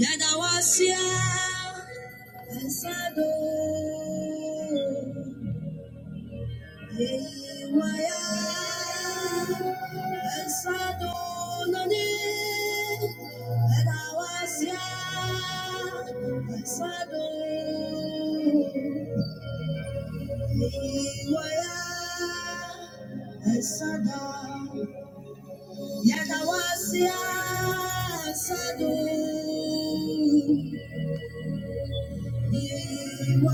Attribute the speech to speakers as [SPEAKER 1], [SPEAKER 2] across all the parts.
[SPEAKER 1] Yadawasia, Sado, Why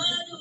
[SPEAKER 1] I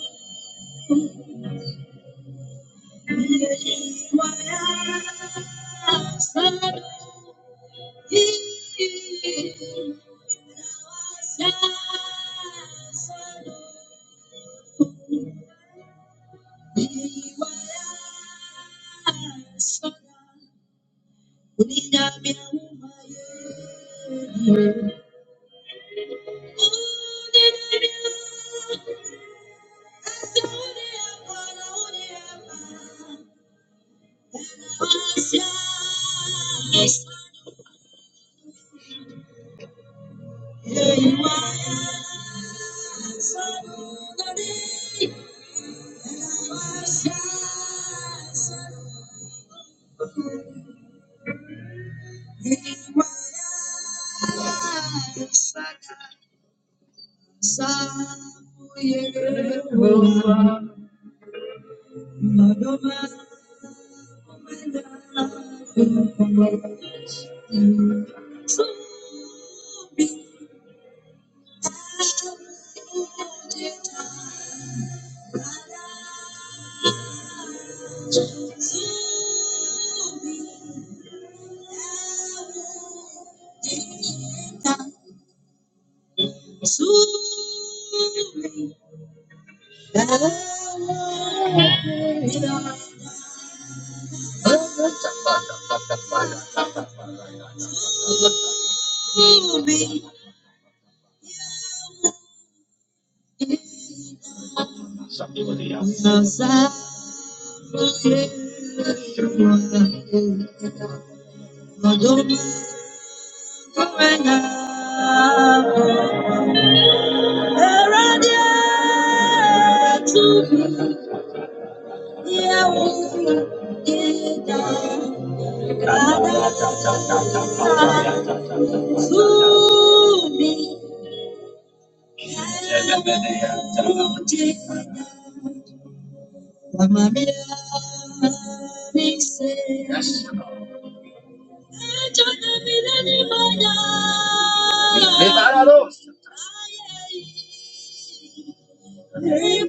[SPEAKER 1] Yes. Somebody else. Sure. Yes. Lord. Thank you,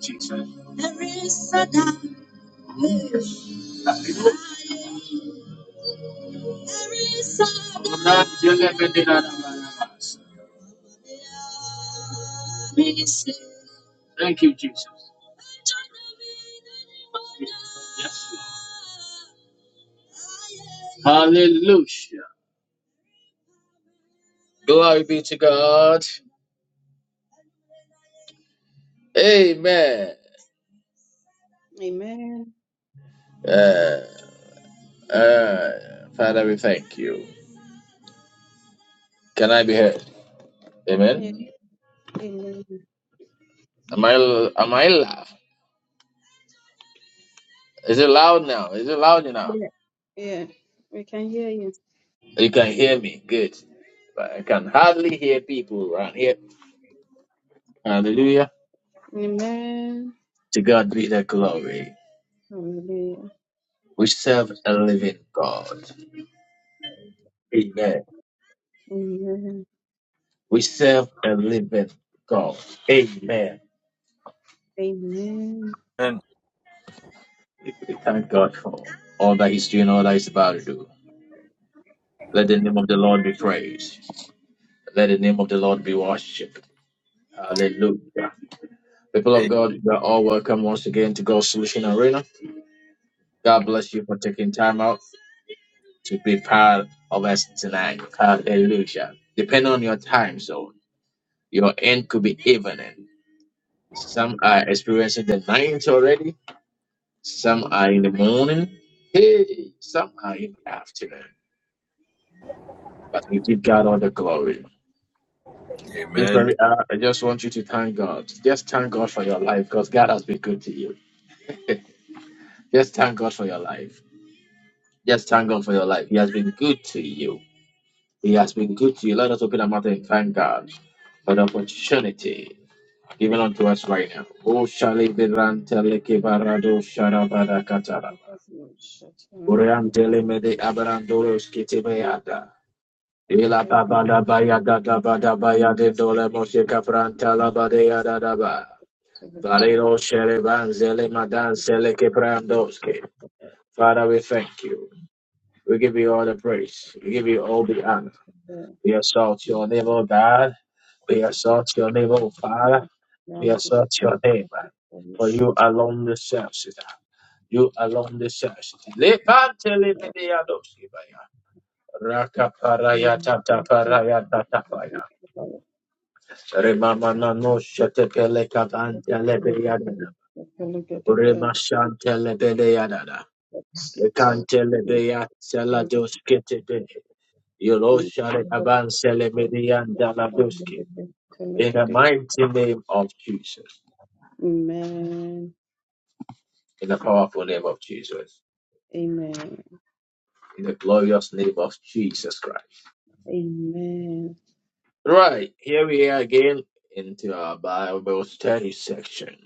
[SPEAKER 1] Jesus. I'm not Thank you, Jesus. Yes. Hallelujah. Glory be to God. Amen.
[SPEAKER 2] Amen.
[SPEAKER 1] Uh, uh, Father, we thank you. Can I be heard?
[SPEAKER 2] Yeah.
[SPEAKER 1] Amen.
[SPEAKER 2] Amen.
[SPEAKER 1] Am I am I loud? Is it loud now? Is it loud enough?
[SPEAKER 2] Yeah. Yeah. We can hear you.
[SPEAKER 1] You can hear me. Good. But I can hardly hear people around here. Hallelujah.
[SPEAKER 2] Amen.
[SPEAKER 1] To God be the glory.
[SPEAKER 2] Hallelujah.
[SPEAKER 1] We serve a living God. Amen.
[SPEAKER 2] Amen.
[SPEAKER 1] We serve a living God. Amen.
[SPEAKER 2] Amen.
[SPEAKER 3] Amen.
[SPEAKER 1] We thank God for all that He's doing, all that He's about to do. Let the name of the Lord be praised. Let the name of the Lord be worshipped. Hallelujah. People of God, you are all welcome once again to God's Solution Arena. God bless you for taking time out to be part of us tonight. Hallelujah. Depending on your time zone, your end could be evening. Some are experiencing the night already Some are in the morning. Hey, some are in the afternoon. But we give God all the glory. This
[SPEAKER 3] Amen.
[SPEAKER 1] very hour, I just want you to thank God. Just thank God for your life because God has been good to you. Just thank God for your life. Just thank God for your life. He has been good to you. He has been good to you. Let us open our mouth and thank God for the opportunity given unto us right now. Oh, Shali Biran Teleke Barado Sharabada Kataraba.
[SPEAKER 2] Thank you
[SPEAKER 1] Uriam Telemede Abarandoros Kitibayada. Ila baba da baya da da ba da baya de dole moshe kapranta la ba de ya da da ba.
[SPEAKER 2] to the praise.
[SPEAKER 1] Farero shere banzele madan sele keprandoske. Father, we thank you. We give you all the praise. We give you all the honor. We assault your name, O God. We assault your name, O Father. We assault your name. man. For you alone deserve it. You alone deserve it. Lepante lemene ya doske baya. Raka paraya tata paraya tata Remamana no shete kabante lebe yadada. Rema Ekante
[SPEAKER 2] Thank
[SPEAKER 1] lebe sela dos
[SPEAKER 2] you.
[SPEAKER 1] kete de. Yolo
[SPEAKER 2] Amen.
[SPEAKER 1] share
[SPEAKER 2] Amen. Amen.
[SPEAKER 1] In the mighty name of Jesus. In the powerful name of Jesus. In the glorious name of Jesus Christ.
[SPEAKER 2] Amen.
[SPEAKER 1] Right, here we are again into our Bible study section.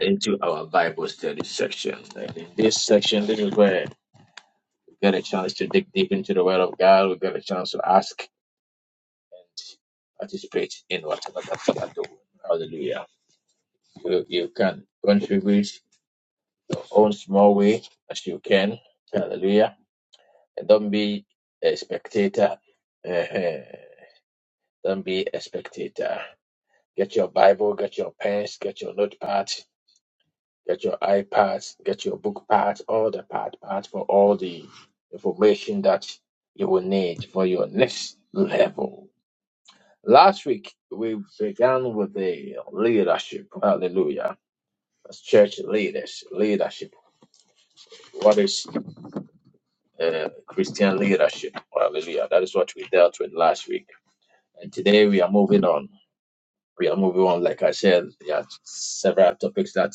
[SPEAKER 1] Into our Bible study section. And in this section, this is where get a chance to dig deep into the Word of God. We get a chance to ask, participate in whatever that we are doing. Hallelujah. You, you can contribute your own small way as you can. Hallelujah. And don't be a spectator. Eh-heh. Don't be a spectator. Get your Bible, get your pens, get your notepad, get your iPads, get your book pads, all the pad pads for all the information that you will need for your next level Last week, we began with the leadership. Hallelujah. As church leaders, leadership. What is uh, Christian leadership? Hallelujah. That is what we dealt with last week. And today we are moving on. We are moving on. Like I said, there are several topics that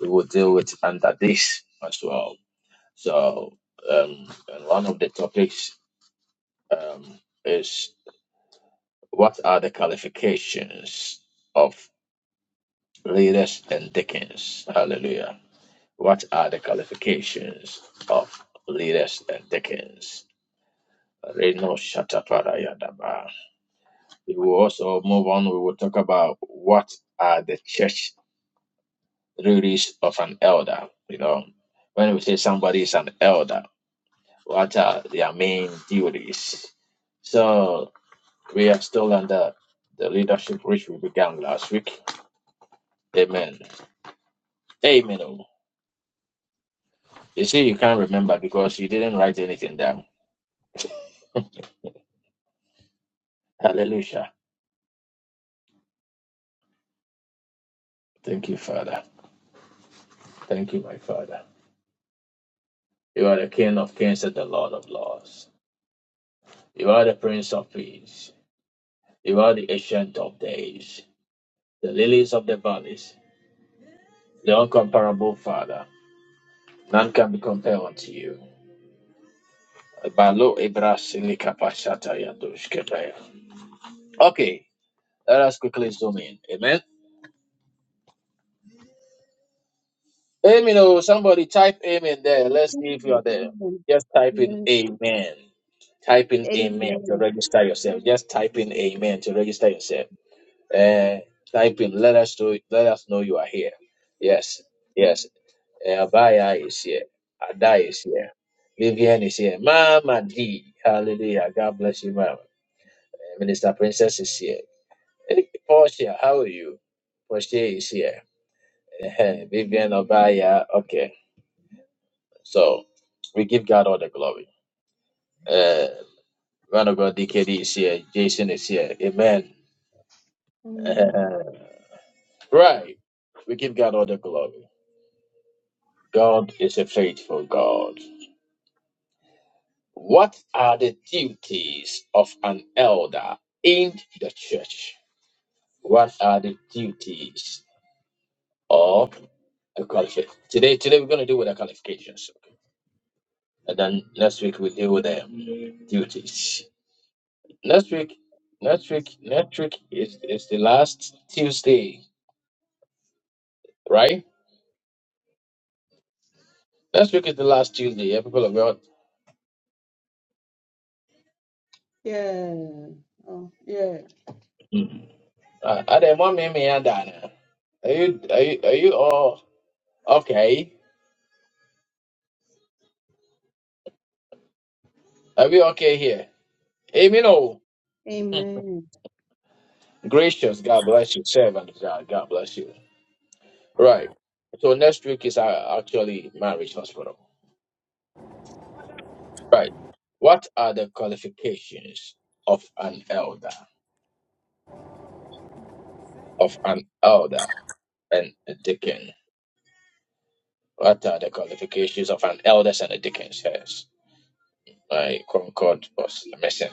[SPEAKER 1] we will deal with under this as well. So, um, and one of the topics um, is what are the qualifications of leaders and deacons? Hallelujah What are the qualifications of leaders and deacons? Reno Shataparayadaba. We will also move on. We will talk about what are the church duties of an elder. You know, when we say somebody is an elder, what are their main duties? So we are still under the leadership which we began last week. Amen. Amen. oh. You see, you can't remember because you didn't write anything down. Hallelujah. Thank you, Father. Thank you, my Father. You are the King of kings and the Lord of lords. You are the Prince of peace. You are the Ancient of days, the lilies of the valleys, the uncomparable Father. None can be compared unto you. Balo Ibra Silika Pashata Yadosh Kebaya. Okay, let us quickly zoom in. Amen. Amen. Oh, somebody type amen there. Let's see if you are there. Just type in amen. Type
[SPEAKER 2] Amen.
[SPEAKER 1] in amen to
[SPEAKER 2] Amen.
[SPEAKER 1] register yourself. Just type in amen to register yourself. Uh, type in. Let us know. Let us know you are here. Yes, yes. Uh, Abaya is here. Ada is here. Vivian is here. Mama D. Hallelujah. God bless you, Mama. Uh, Minister Princess is here. Hey, Portia, how are you? Portia is here. Uh, Vivian Abaya. Okay. So we give God all the glory. Uh, Man of God, DKD is here. Jason is here. Amen.
[SPEAKER 2] Amen.
[SPEAKER 1] right. We give God all the glory. God is a faithful God. What are the duties of an elder in the church? What are the duties of a qualification? Today, today we're going to deal with the qualifications, okay? and then next week we deal with the duties. Next week, next week, next week is is the last Tuesday, right? Next week is the last Tuesday. Yeah, people of God.
[SPEAKER 2] Yeah. Oh, yeah.
[SPEAKER 1] Mm. Uh, are there more me me and Dana? Are you are you are you all okay? Are we okay here? Amen. Oh,
[SPEAKER 2] Amen.
[SPEAKER 1] gracious. God bless you. Servant of God. God bless you. Right. So next week is uh, actually marriage hospital. Right. What are the qualifications of an elder? Of an elder and a deacon. What are the qualifications of an elder and a deacon? Yes. My Concord was missing.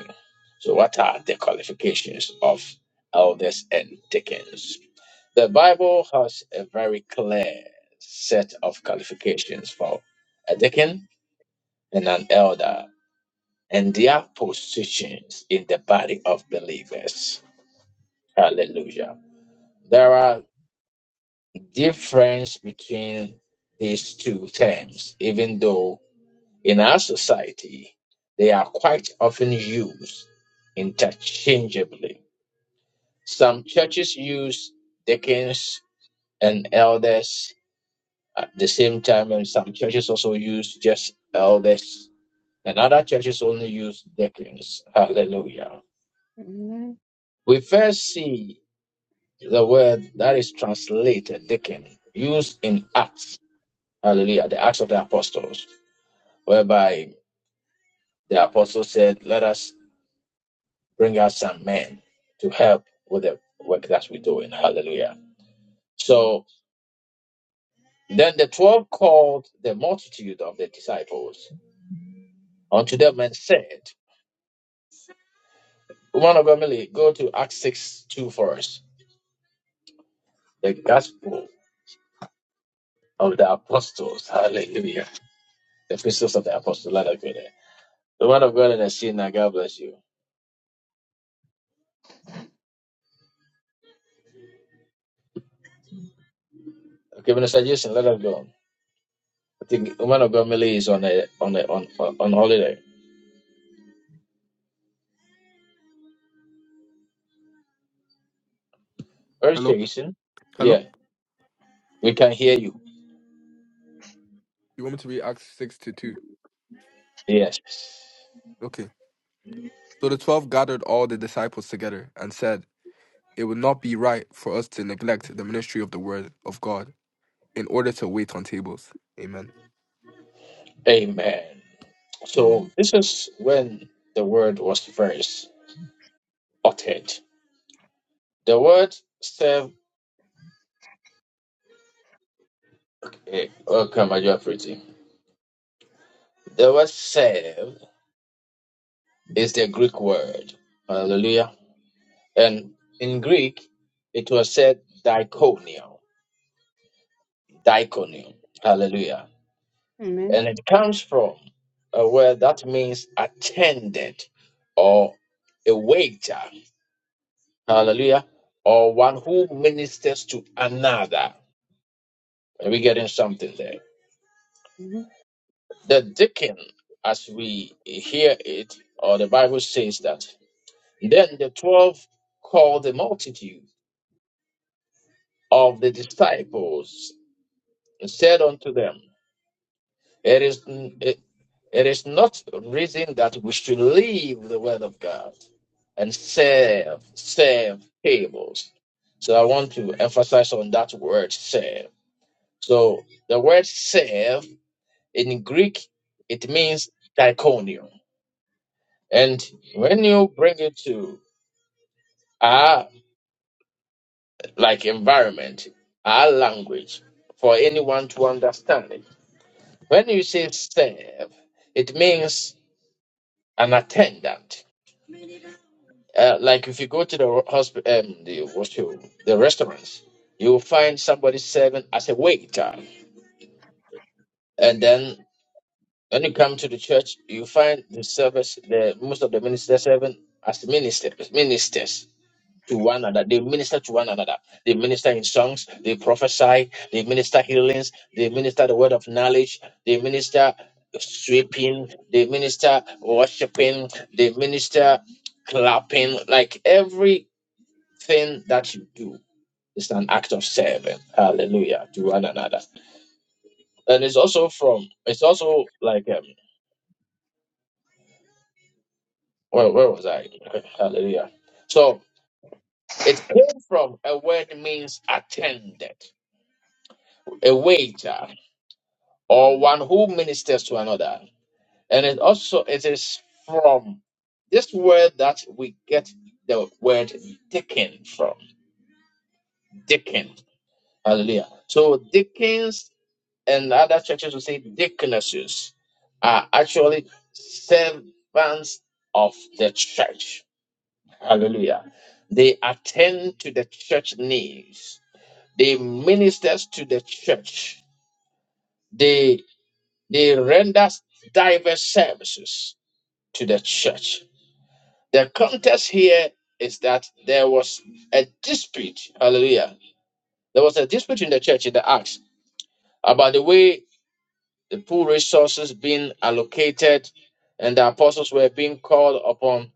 [SPEAKER 1] So what are the qualifications of elders and deacons? The Bible has a very clear set of qualifications for a deacon and an elder and their positions in the body of believers. Hallelujah. There are difference between these two terms, even though in our society they are quite often used interchangeably. Some churches use deacons and elders At the same time, and some churches also use just elders, and other churches only use deacons. Hallelujah.
[SPEAKER 2] Amen.
[SPEAKER 1] We first see the word that is translated deacon used in Acts. Hallelujah. The Acts of the Apostles, whereby the apostle said, Let us bring out some men to help with the work that we're doing. Hallelujah. So then the twelve called the multitude of the disciples unto them and said, Woman of Emily, go to Acts 6 2 for us. The gospel of the apostles. Hallelujah. The epistles of the apostles. Let us go there. The woman of God in the scene, now God bless you. Okay, Minister Jason, let us go. I think the woman of God Millie, is on a on a on on on holiday. Where's
[SPEAKER 4] Hello?
[SPEAKER 1] Jason?
[SPEAKER 4] Hello?
[SPEAKER 1] Yeah, we can hear you.
[SPEAKER 4] You want me to read Acts 6 to 2?
[SPEAKER 1] Yes.
[SPEAKER 4] Okay. So the twelve gathered all the disciples together and said, It would not be right for us to neglect the ministry of the word of God in order to wait on tables. Amen.
[SPEAKER 1] Amen. So
[SPEAKER 2] Mhm.
[SPEAKER 1] this is when the word was first uttered. The word serve eh, oh come on, you are pretty. The word serve Is the Greek word. Hallelujah. And in Greek, it was said diaconio. Diaconio. Hallelujah.
[SPEAKER 2] Amen.
[SPEAKER 1] And it comes from a word that means attendant or a waiter. Hallelujah. Or one who ministers to another. Are we getting something there?
[SPEAKER 2] Mhm.
[SPEAKER 1] The deacon, as we hear it, or the Bible says that. Then the twelve called the multitude of the disciples and said unto them, It is it, it is not reason that we should leave the word of God and serve serve tables. So I want to emphasize on that word serve. So the word serve in Greek it means diaconio. And when you bring it to our like environment, our language, for anyone to understand it, when you say serve, it means an attendant. Uh, like if you go to the hospital, um, the what's your, the restaurants, you will find somebody serving as a waiter, and then when you come to the church, you find the service, the most of the ministers serving as ministers, ministers. to one another. They minister to one another. They minister in songs. They prophesy. They minister healings. They minister the word of knowledge. They minister sweeping. They minister worshiping. They minister clapping. Like everything that you do is an act of serving. Hallelujah to one another. And it's also from. It's also like um. Where where was I? Okay, Hallelujah. So it came from a word means attended a waiter. or one who ministers to another. And it also it is from this word that we get the word Dickens from. Dickens. Hallelujah. So Dickens and other churches will say deaconesses are actually servants of the church. Hallelujah. They attend to the church needs. They ministers to the church. They they render diverse services to the church. The context here is that there was a dispute. Hallelujah. There was a dispute in the church in the Acts about the way the pool resources being allocated and the apostles were being called upon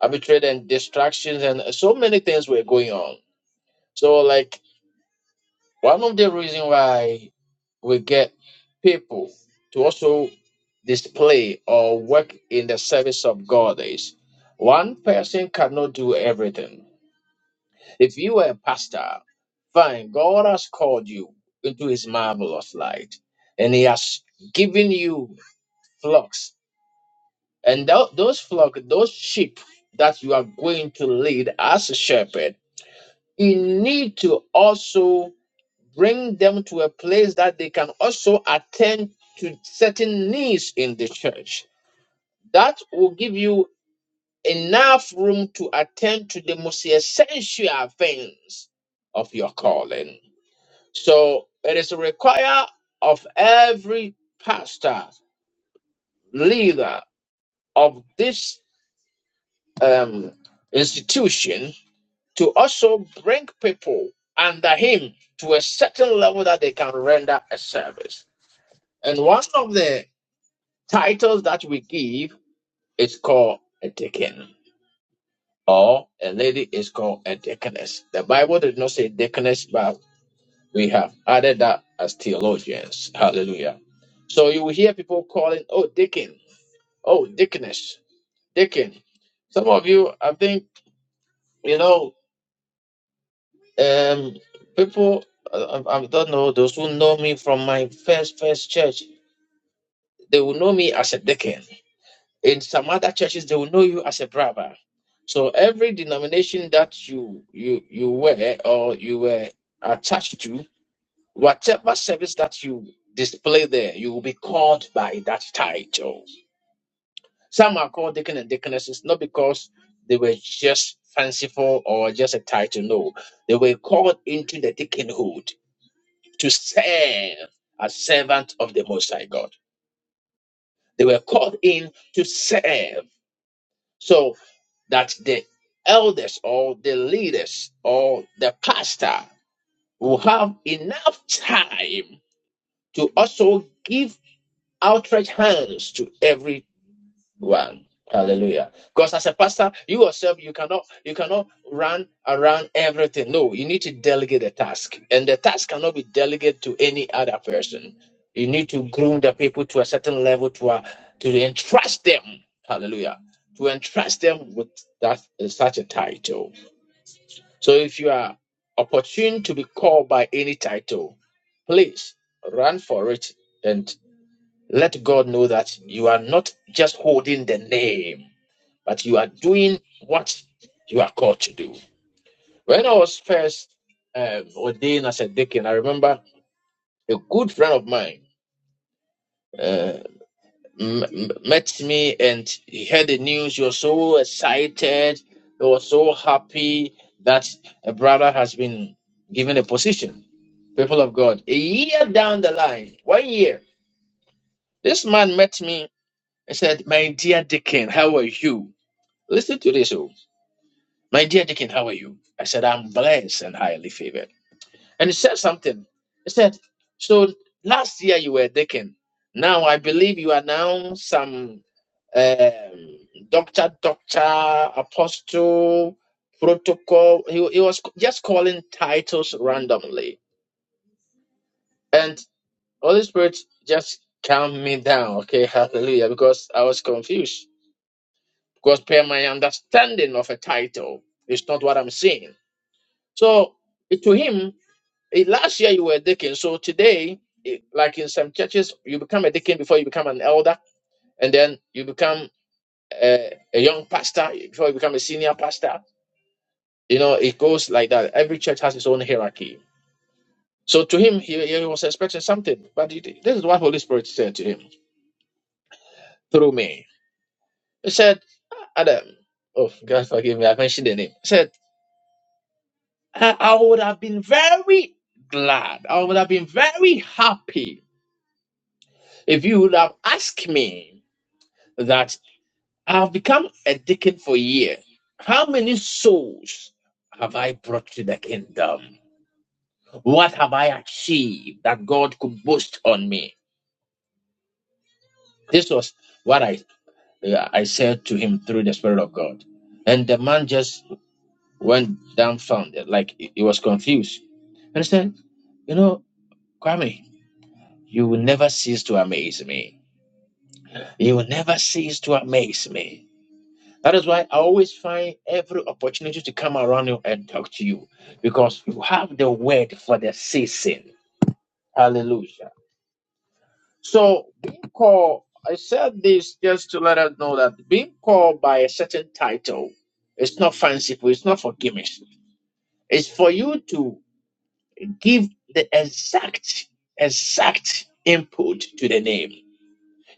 [SPEAKER 1] arbitrary and distractions and so many things were going on. So like one of the reasons why we get people to also display or work in the service of God is one person cannot do everything If you are a pastor, fine, God has called you into his marvelous light and he has given you flocks. And tho- those flock, those sheep that you are going to lead as a shepherd, you need to also bring them to a place that they can also attend to certain needs in the church. That will give you enough room to attend to the most essential things of your calling. So it is required of every pastor, leader of this um, institution to also bring people under him to a certain level that they can render a service. And one of the titles that we give is called a deacon, or a lady is called a deaconess. The Bible did not say deaconess, but We have added that as theologians. Hallelujah. So you will hear people calling, oh, Deacon, oh, Deaconess, Deacon. Some of you, I think, you know, um, people, uh, I, I don't know, those who know me from my first, first church, they will know me as a Deacon. In some other churches, they will know you as a brother. So every denomination that you you you were or you were attached to Whatever service that you display there, you will be called by that title. Some are called deacon and deaconesses not because they were just fanciful or just a title. No, they were called into the deaconhood to serve as servant of the Most High God. They were called in to serve. So that the elders or the leaders or the pastor will have enough time to also give. outstretched hands to everyone. Hallelujah. Because as a pastor, you yourself, you cannot you cannot run around everything. No, you need to delegate a task. And the task cannot be delegated to any other person. You need to groom the people to a certain level to uh, to entrust them. Hallelujah. To entrust them with that uh, such a title. So if you are opportune to be called by any title, please run for it let God know that you are not just holding the name, but you are doing what you are called to do. When I was first um, ordained as a deacon, I remember a good friend of mine uh, m- m- met me and he heard the news. He was so excited, he was so happy that a brother has been given a position. People of God, a year down the line, one year, this man met me and said, My dear deacon, how are you? Listen to this. Oh. My dear Deacon, how are you? I said, I'm blessed and highly favored. And he said something. He said, So last year you were Deacon. Now I believe you are now some um, doctor, doctor, apostle, protocol. He, he was just calling titles randomly. And Holy Spirit just calmed me down. Okay, hallelujah. Because I was confused. Because per my understanding of a title, it's not what I'm seeing. So to him, eh, last year you were a deacon. So today, eh, like in some churches, you become a deacon before you become an elder, and then you become a, a young pastor before you become a senior pastor. You know, it goes like that. Every church has its own hierarchy. So to him, he, he was expecting something, but it- this is what Holy Spirit said to him through me. He said, "Ah, Adam, oh God forgive me, I mentioned the name. He said, I I would have been very glad. I would have been very happy If you would have asked me that I've become a deacon for a year, how many souls have I brought to the kingdom? What have I achieved that God could boast on me? This was what I uh, I said to him through the Spirit of God. And the man just went dumbfounded, like he he was confused. And he said, You know, Kwame, you will never cease to amaze me. You will never cease to amaze me. That is why I always find every opportunity to come around you and talk to you because you have the word for the season. Hallelujah. So, being called, I said this just to let us know that being called by a certain title is not fanciful, it's not for gimmicks. It's for you to give the exact, exact input to the name.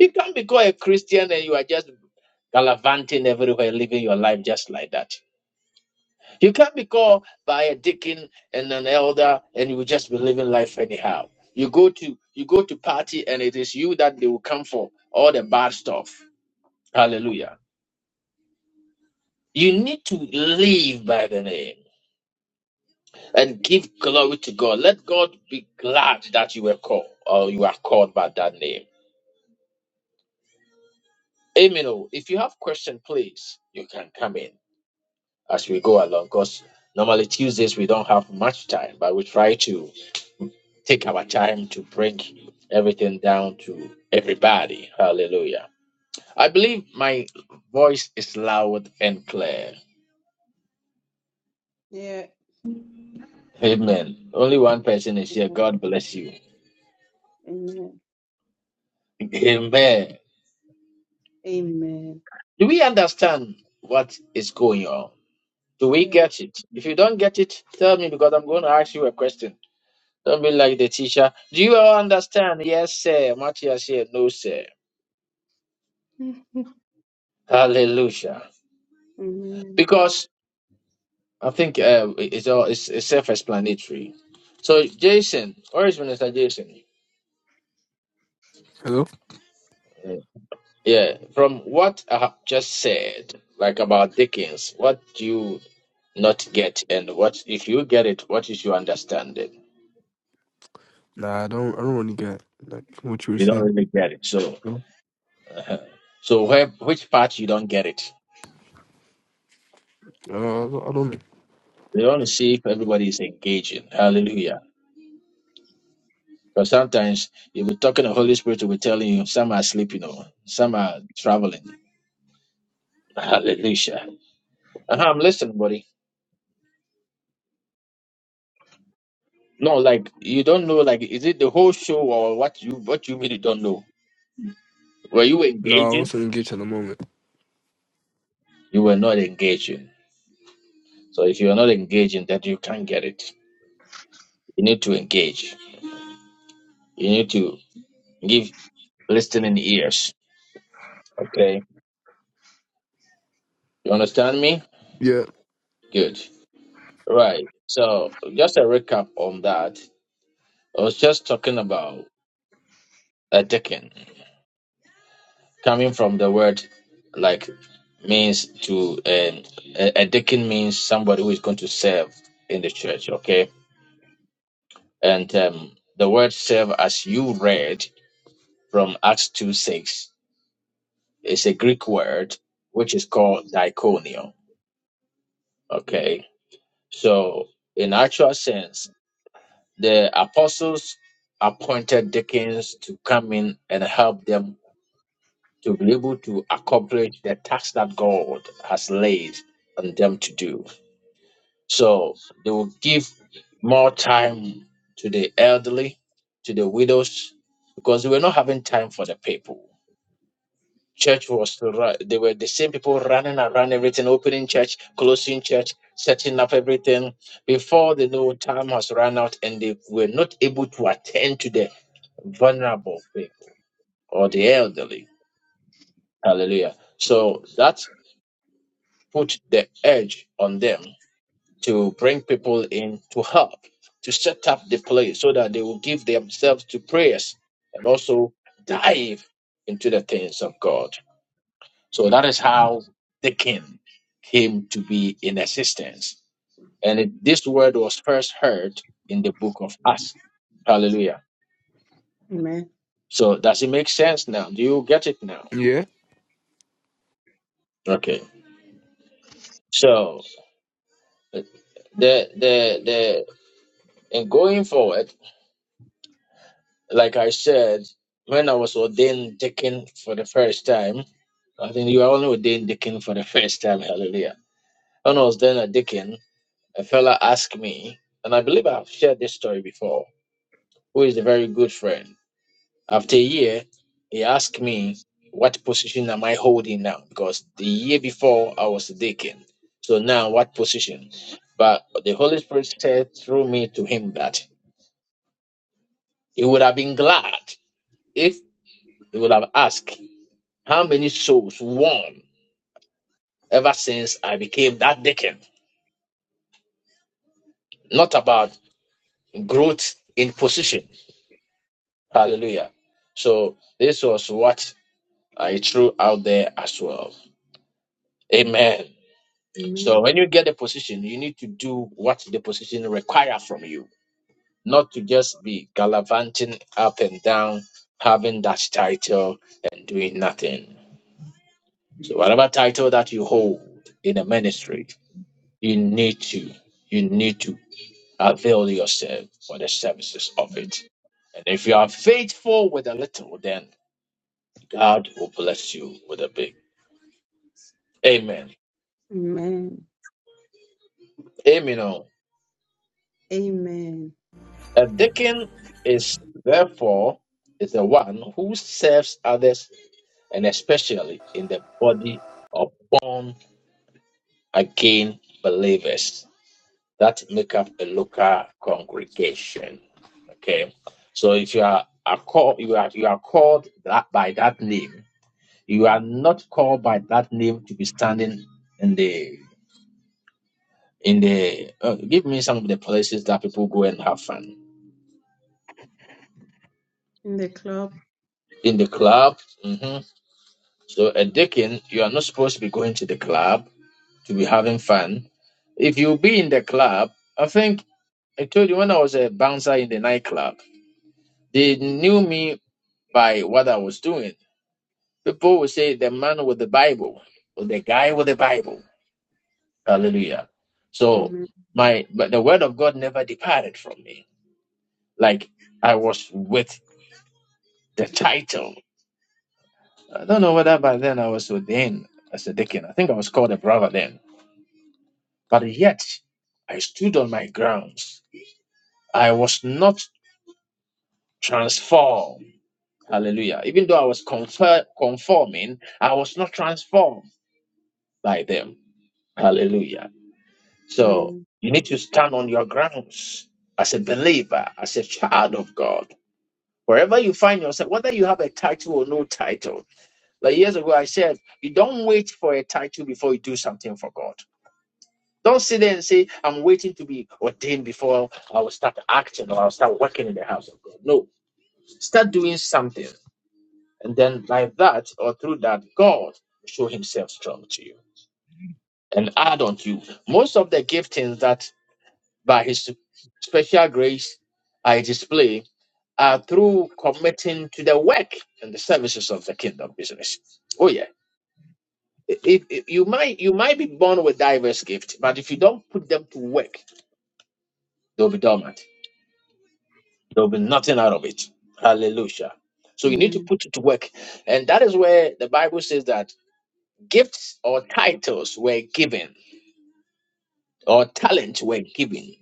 [SPEAKER 1] You can't be called a Christian and you are just gallivanting everywhere, living your life just like that. You can't be called by a deacon and an elder and you will just be living life anyhow. You go to you go to party and it is you that they will come for all the bad stuff. Hallelujah. You need to live by the name and give glory to God. Let God be glad that you were called or you are called by that name. Amen. oh. If you have question, please you can come in as we go along. Because normally Tuesdays we don't have much time, but we try to. take our time to break everything down to everybody. Hallelujah. I believe my voice is loud and clear.
[SPEAKER 2] Yeah.
[SPEAKER 1] Amen. Only one person is here. God bless you.
[SPEAKER 2] Amen.
[SPEAKER 1] Amen.
[SPEAKER 2] Amen.
[SPEAKER 1] Do we understand what is going on? Do
[SPEAKER 2] Oh,
[SPEAKER 1] we
[SPEAKER 2] Yeah.
[SPEAKER 1] get it? If you don't get it, tell me because I'm going to ask you a question. Don't be like the teacher. Do you all understand? Yes, sir. Matthias here. No, sir.
[SPEAKER 2] Mm.
[SPEAKER 1] Hallelujah.
[SPEAKER 2] Amen.
[SPEAKER 1] Because I think uh, it's all it's, it's self-explanatory. So, Jason, or is Minister Jason?
[SPEAKER 4] Hello?
[SPEAKER 1] Yeah, Yeah, from what I have just said, like about Dickens, what do you not get, and what if you get it? What is your understanding?
[SPEAKER 4] Nah, I don't I don't really get like what you were
[SPEAKER 1] You don't
[SPEAKER 4] saying.
[SPEAKER 1] really get it. So,
[SPEAKER 4] No.
[SPEAKER 1] so where which part you don't get it?
[SPEAKER 4] Uh, I don't I don't-
[SPEAKER 1] We want to see if everybody is engaging. Hallelujah. Because sometimes you be talking, the Holy Spirit will be telling you some are sleeping, or some are traveling. Hallelujah. Uh-huh, I'm listening, buddy. No, like you don't know. Like, is it the whole show or what you what you really don't know? Were you
[SPEAKER 4] No, I
[SPEAKER 1] engaging?
[SPEAKER 4] wasn't engaged at the moment.
[SPEAKER 1] You were not engaging. So if you are not engaging, that you can't get it. You need to engage. You need to give listening ears. Okay, you understand me?
[SPEAKER 4] Yeah.
[SPEAKER 1] Good. Right. So just a recap on that. I was just talking about a deacon coming from the word like means to um, a, a deacon means somebody who is going to serve in the church. Okay And um, the word serve, as you read from Acts 2 6, is a Greek word which is called diaconio. Okay. So, in actual sense, the apostles appointed deacons to come in and help them to be able to accomplish the task that God has laid on them to do. So, they will give more time to the elderly, to the widows, because they were not having time for the people church was to ru- they were the same people running around everything opening church closing church setting up everything before they know time has run out and they were not able to attend to the vulnerable people or the elderly hallelujah so that put the edge on them to bring people in to help to set up the place so that they will give themselves to prayers and also dive into the things of god So that is how Deakin came to be in existence. And it, this word was first heard in the book of Acts. Hallelujah.
[SPEAKER 2] Amen.
[SPEAKER 1] So does it make sense now? Do you get it now?
[SPEAKER 4] Yeah.
[SPEAKER 1] Okay. So uh, the the the and going forward, like I said, when I was ordained deacon for the first time, I think you are only ordained deacon for the first time. Hallelujah. When I was then a deacon, a fella asked me, and I believe I've shared this story before who is a very good friend. After a year, he asked me what position am I holding now because the year before I was a deacon. So now what position? But the Holy Spirit said through me to him that he would have been glad if he would have asked how many souls won ever since I became that deacon. Not about growth in position. Hallelujah. So this was what I threw out there as well. Amen.
[SPEAKER 2] Amen.
[SPEAKER 1] So when you get the position, you need to do what the position require from you, not to just be gallivanting up and down, having that title and doing nothing. So whatever title that you hold in a ministry, you need to you need to avail yourself for the services of it. And if you are faithful with a little, then God will bless you with a big. Amen.
[SPEAKER 2] Amen.
[SPEAKER 1] Amen.
[SPEAKER 2] Amen.
[SPEAKER 1] A deacon is therefore is the one who serves others and especially in the body of born again believers that make up a local congregation. Okay. So if you are, are called you are you are called that by that name, you are not called by that name to be standing in the in the uh, give me some of the places that people go and have fun.
[SPEAKER 2] In the club.
[SPEAKER 1] In the club, mm-hmm. So a deacon, you are not supposed to be going to the club to be having fun. If you be in the club, I think I told you when I was a bouncer in the nightclub, they knew me by what I was doing. People would say the man with the Bible or the guy with the Bible. Hallelujah. So
[SPEAKER 2] Amen.
[SPEAKER 1] my but the word of God never departed from me. Like I was with the title. I don't know whether by then I was ordained as a deacon. I think I was called a brother then But yet I stood on my grounds. I was not transformed. Hallelujah. Even though I was confer- conforming, I was not transformed by them. Hallelujah. So
[SPEAKER 2] Amen.
[SPEAKER 1] you need to stand on your grounds as a believer, as a child of God. Wherever you find yourself, whether you have a title or no title, like years ago I said, you don't wait for a title before you do something for God. Don't sit there and say, I'm waiting to be ordained before I will start acting or I'll start working in the house of God. No, start doing something. And then, like that, or through that, God will show himself strong to you and add on to you. Most of the giftings that by his special grace I display are through committing to the work and the services of the kingdom business. Oh, yeah. If, if you might you might be born with diverse gifts, but if you don't put them to work, they'll be dormant. There'll be nothing out of it. Hallelujah. So you need to
[SPEAKER 2] Amen.
[SPEAKER 1] put it to work. And that is where the Bible says that gifts or titles were given or talents were given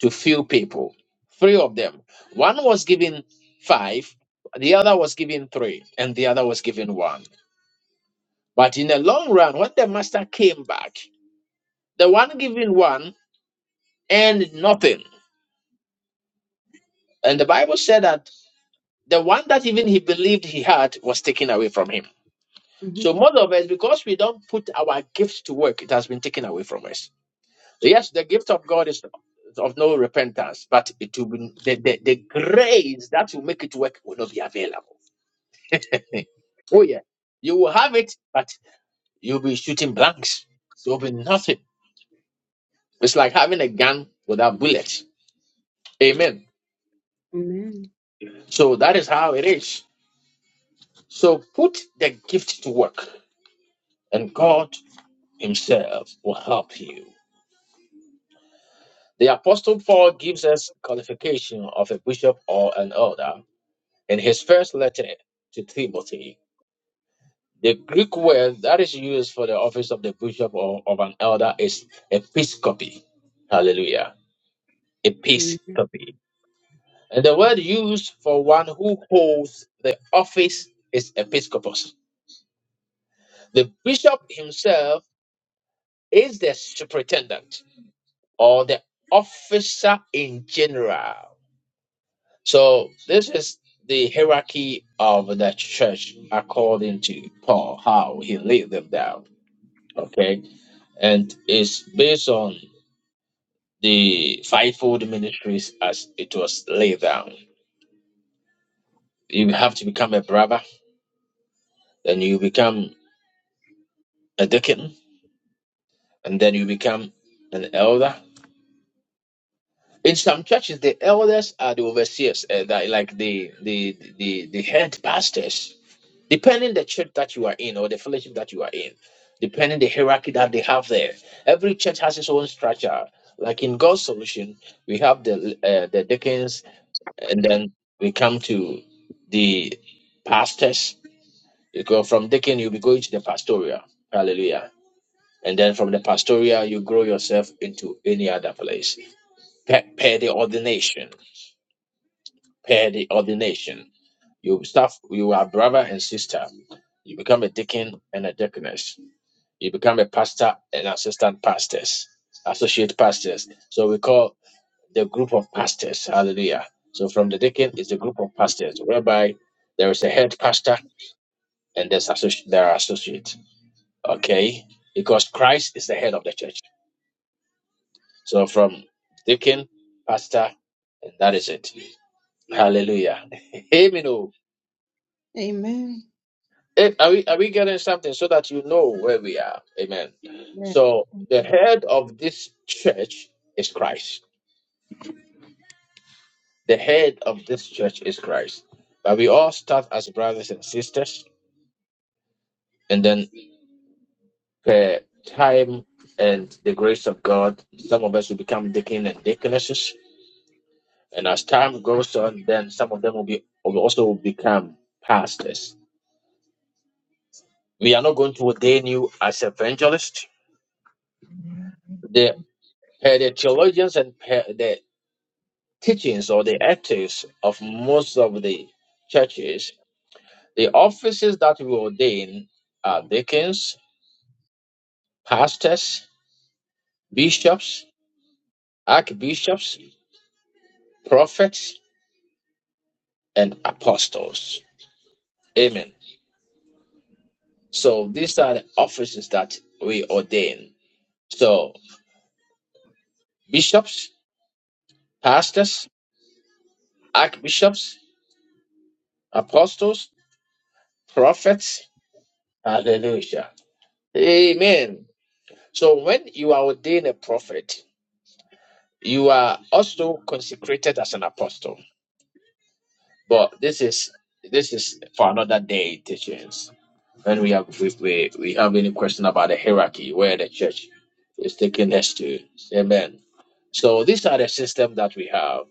[SPEAKER 1] to few people. Three of them. One was given five, the other was given three, and the other was given one. But in the long run, when the master came back, the one given one earned nothing. And the Bible said that the one that even he believed he had was taken away from him.
[SPEAKER 2] Mm-hmm.
[SPEAKER 1] So most of us, because we don't put our gifts to work, it has been taken away from us. So Yes, the gift of God is of no repentance, but it will be the, the, the grace that will make it work will not be available. oh yeah. You will have it, but you'll be shooting blanks. There will be nothing. It's like having a gun without bullets. Amen.
[SPEAKER 2] Amen.
[SPEAKER 1] So that is how it is. So put the gift to work and God Himself will help you. The Apostle Paul gives us qualification of a bishop or an elder in his first letter to Timothy. The Greek word that is used for the office of the bishop or of an elder is episcopi. Hallelujah.
[SPEAKER 2] Amen.
[SPEAKER 1] Episcopi. And the word used for one who holds the office is episcopos. The bishop himself is the superintendent or the officer in general So this is the hierarchy of the church according to Paul, how he laid them down. Okay. And it's based on the fivefold ministries as it was laid down. You have to become a brother, then you become a deacon, and then you become an elder. In some churches, the elders are the overseers, uh, that- like the the the the head pastors depending the church that you are in or the fellowship that you are in, depending the hierarchy that they have there. Every church has its own structure. Like in God's solution, we have the uh, the deacons, and then we come to the pastors. You go from deacon, you'll be going to the pastoral. Hallelujah. And then from the pastoral, you grow yourself into any other place. Per, per the ordination, per the ordination, you start. You are brother and sister. You become a deacon and a deaconess You become a pastor and assistant pastors, associate pastors. So we call the group of pastors. Hallelujah. So from the deacon is the group of pastors, whereby there is a head pastor and there's associ- there are associates. Okay? Because Christ is the head of the church. So from deacon, pastor, and that is it. Hallelujah. Amen. oh.
[SPEAKER 2] Amen.
[SPEAKER 1] Eh, Are we, are we getting something so that you know where we are? Amen.
[SPEAKER 2] Yeah.
[SPEAKER 1] So the head of this church is Christ. The head of this church is Christ. But we all start as brothers and sisters, and then per time and the grace of God, some of us will become deacon and deaconesses. And as time goes on, then some of them will be will also become pastors. We are not going to ordain you as evangelists. The per the theologians and per the teachings or the ethics of most of the churches, the offices that we ordain are deacons, pastors, bishops, archbishops, prophets, and apostles. Amen. So these are the offices that we ordain. So bishops, pastors, archbishops, apostles, prophets. Hallelujah. Amen. So when you are ordained a prophet, you are also consecrated as an apostle. But this is this is for another day teaching. Then we have we, we, we have any question about the hierarchy where the church is taking us to. Amen. So these are the system that we have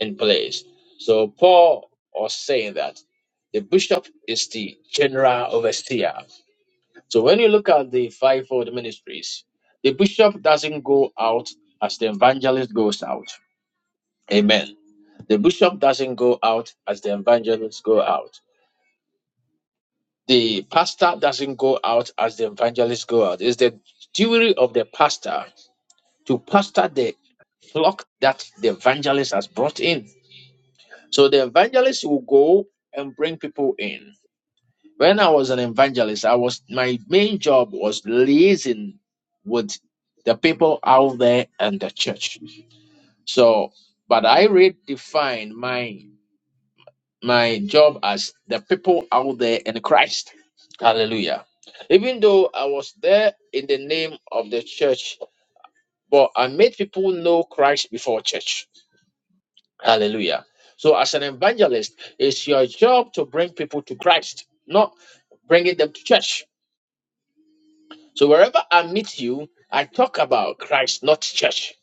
[SPEAKER 1] in place. So Paul was saying that the bishop is the general overseer. So when you look at the fivefold ministries, the bishop doesn't go out as the evangelist goes out. Amen. The bishop doesn't go out as the evangelists go out. The pastor doesn't go out as the evangelists go out. It's the duty of the pastor to pastor the flock that the evangelist has brought in. So the evangelist will go and bring people in. When I was an evangelist, I was my main job was liaising with the people out there and the church. So, but I redefined mine my job as the people out there in Christ. Hallelujah. Even though I was there in the name of the church, but I made people know Christ before church. Hallelujah. So, as an evangelist, it's your job to bring people to Christ, not bringing them to church. So, wherever I meet you, I talk about Christ, not church.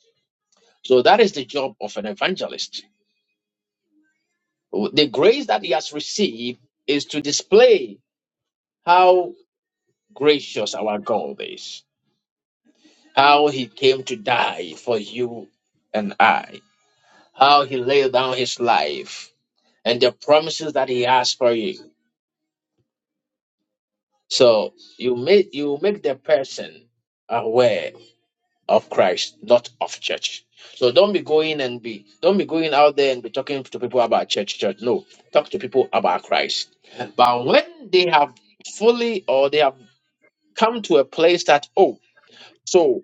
[SPEAKER 1] So, that is the job of an evangelist. The grace that he has received is to display how gracious our God is, how he came to die for you and I, how he laid down his life, and the promises that he has for you. So you make you make the person aware of Christ, not of church. So don't be going and be don't be going out there and be talking to people about church, church. No, talk to people about Christ. But when they have fully or they have come to a place that oh, so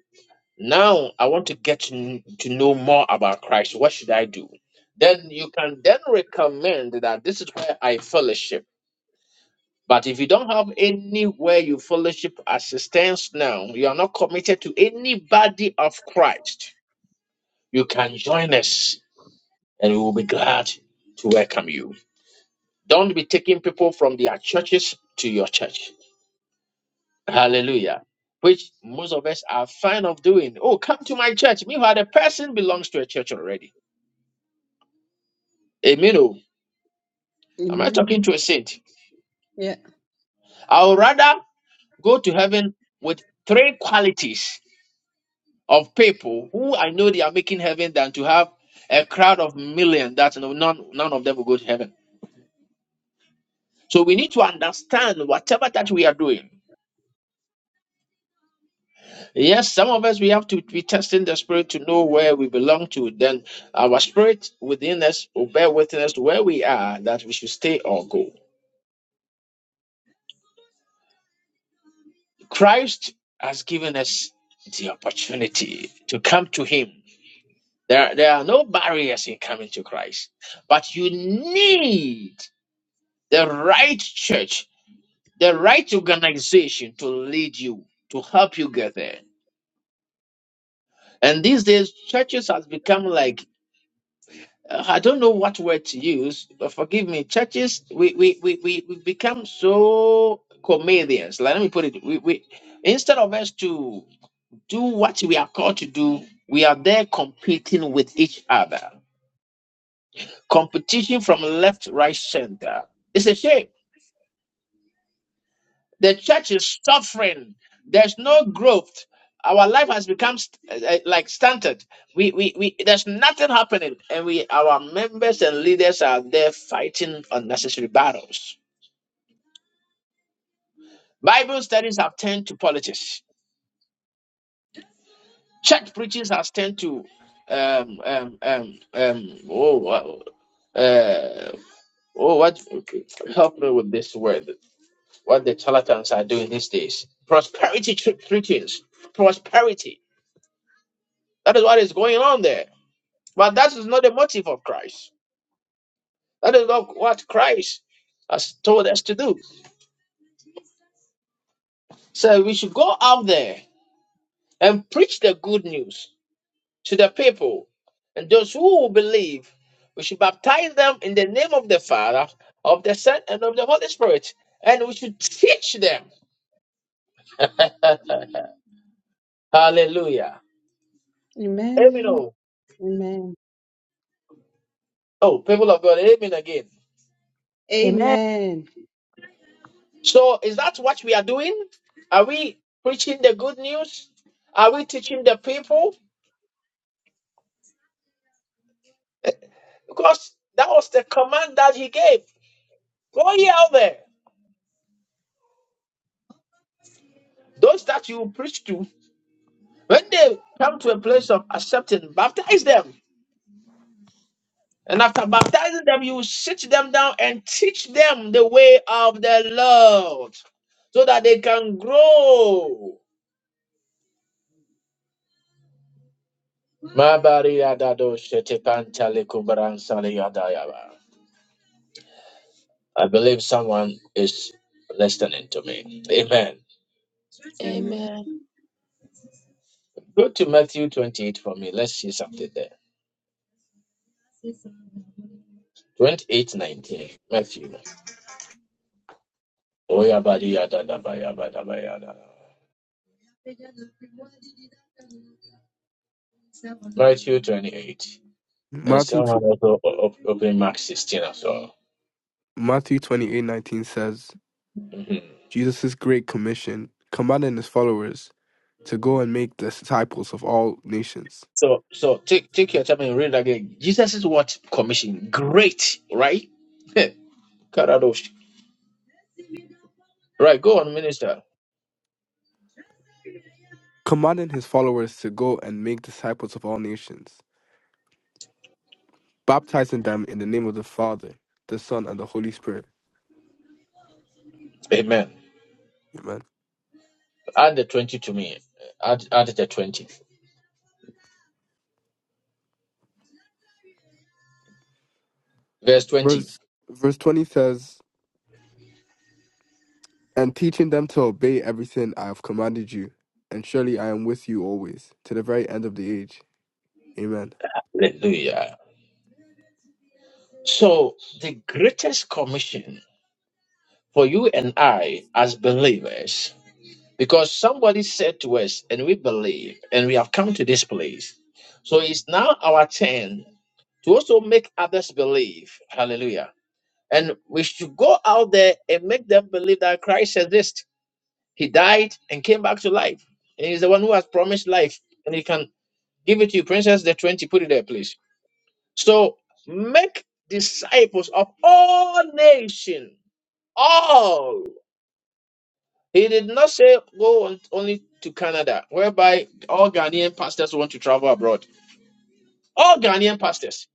[SPEAKER 1] Now I want to get to, kn- to know more about Christ. What should I do? Then you can then recommend that this is where I fellowship. But if you don't have anywhere you fellowship assistance now, you are not committed to anybody of Christ, you can join us and we will be glad to welcome you. Don't be taking people from their churches to your church. Hallelujah. Which most of us are fine of doing. Oh, come to my church. Meanwhile, the person belongs to a church already. Amen. oh. Am I
[SPEAKER 2] Amen.
[SPEAKER 1] talking to a saint?
[SPEAKER 2] Yeah.
[SPEAKER 1] I would rather go to heaven with three qualities of people who I know they are making heaven than to have a crowd of million that no- none, none of them will go to heaven. So we need to understand whatever that we are doing. Yes, some of us we have to be testing the spirit to know where we belong to. Then our spirit within us will bear witness to where we are that we should stay or go. Christ has given us the opportunity to come to Him There, there are no barriers in coming to Christ, but you need the right church, the right organization to lead you, to help you get there. And these days, churches has become like uh, I don't know what word to use, but forgive me. Churches, we we we we we become so comedians. Like Let me put it: we we instead of us to do what we are called to do, we are there competing with each other. competition from left, right, center. It's a shame. The church is suffering. There's no growth. Our life has become st- uh, uh, like stunted. We, we, we, there's nothing happening, and we, our members and leaders are there fighting unnecessary battles. Bible studies have turned to politics. Church preachings has turned to, um, um, um, um, oh, wow, uh, oh, what? Okay, help me with this word. what the charlatans are doing these days. Prosperity tr- preachings, prosperity. That is what is going on there. But that is not the motive of Christ. That is not what Christ has told us to do. So we should go out there and preach the good news to the people. And those who will believe, we should baptize them in the name of the Father, of the Son, and of the Holy Spirit. And we should teach them. Hallelujah. Amen.
[SPEAKER 2] Amen.
[SPEAKER 1] Oh,
[SPEAKER 2] Amen.
[SPEAKER 1] oh, people of God, amen again.
[SPEAKER 5] Amen.
[SPEAKER 2] Amen.
[SPEAKER 1] So is that what we are doing? Are we preaching the good news? Are we teaching the people? Because that was the command that he gave. Go ye out there. Those that you preach to, when they come to a place of accepting, baptize them. And after baptizing them, you sit them down and teach them the way of the Lord so that they can grow. Mabari adado shete pantale kubaran sale yadayaba. I believe someone is listening to me. Amen.
[SPEAKER 2] Amen.
[SPEAKER 6] Amen.
[SPEAKER 1] Go to Matthew 28 for me. Let's see something there. 28 19. Matthew. Oyabadiyadadabayabadabayada. Matthew 28. And
[SPEAKER 4] Matthew tw-
[SPEAKER 1] someone also o- o- open Mark 16 as well.
[SPEAKER 4] Matthew twenty eight nineteen says
[SPEAKER 1] Mhm.
[SPEAKER 4] Jesus' great commission, commanding his followers to go and make disciples of all nations,
[SPEAKER 1] So, so take take your time and read again. Jesus is what commission? Great, right? Karadosh. Right, go on, minister.
[SPEAKER 4] commanding his followers to go and make disciples of all nations, baptizing them in the name of the Father, the Son, and the Holy Spirit.
[SPEAKER 1] Amen.
[SPEAKER 4] Amen.
[SPEAKER 1] Add the 20 to me. Add, add the 20. Verse 20.
[SPEAKER 4] Verse verse 20 says, And teaching them to obey everything I have commanded you, and surely I am with you always, to the very end of the age. Amen.
[SPEAKER 1] Hallelujah. So, the greatest commission for you and I as believers, because somebody said to us, and we believe, and we have come to this place. So, it's now our turn to also make others believe. Hallelujah. And we should go out there and make them believe that Christ exists. He died and came back to life. And he's the one who has promised life. Give it to you, Princess. The 20, put it there, please. So make disciples of all nations. All. He did not say go on, only to Canada, whereby all Ghanaian pastors want to travel abroad. All Ghanaian pastors.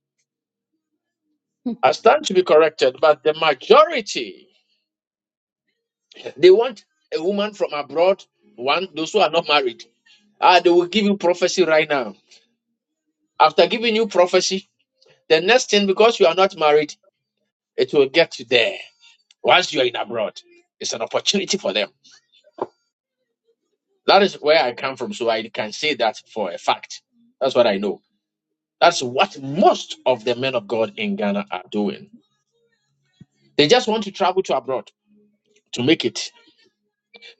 [SPEAKER 1] I stand to be corrected, but the majority they want a woman from abroad. One, those who are not married. Ah, they will give you prophecy right now. After giving you prophecy, the next thing, because you are not married, it will get you there. Once you are in abroad, it's an opportunity for them. That is where I come from, so I can say that for a fact. That's what I know. That's what most of the men of God in Ghana are doing. They just want to travel to abroad to make it.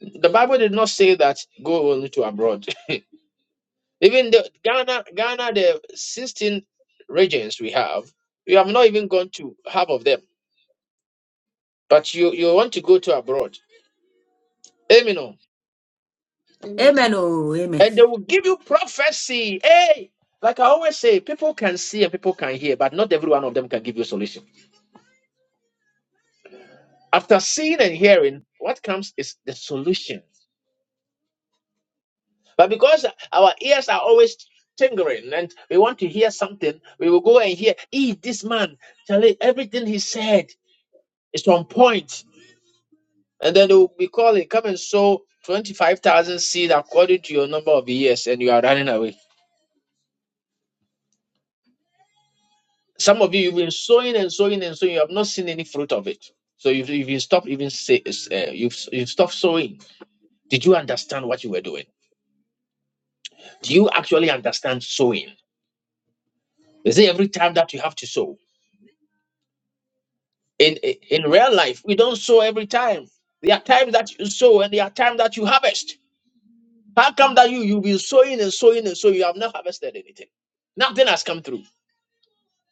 [SPEAKER 1] The Bible did not say that go only to abroad. Even the Ghana, Ghana, the 16 regions we have, we have not even gone to half of them. But you, you want to go to abroad. Amen.
[SPEAKER 2] Amen.
[SPEAKER 7] Amen. Oh, amen.
[SPEAKER 1] and they will give you prophecy. Hey, like I always say, people can see and people can hear, but not every one of them can give you solution. After seeing and hearing, what comes is the solution. But because our ears are always tingling and we want to hear something, we will go and hear, "Eh, this man, Charlie, everything he said is on point." And then they will be calling, come and sow 25,000 seed according to your number of years, and you are running away. Some of you, you've been sowing and sowing and sowing. You have not seen any fruit of it. So you've, you've been stopped even say, uh, you've, you've stopped sowing. Did you understand what you were doing? Do you actually understand sowing? Is it every time that you have to sow? In, in in real life, we don't sow every time. There are times that you sow and there are times that you harvest. How come that you, you've been sowing and sowing and sowing, you have not harvested anything? Nothing has come through.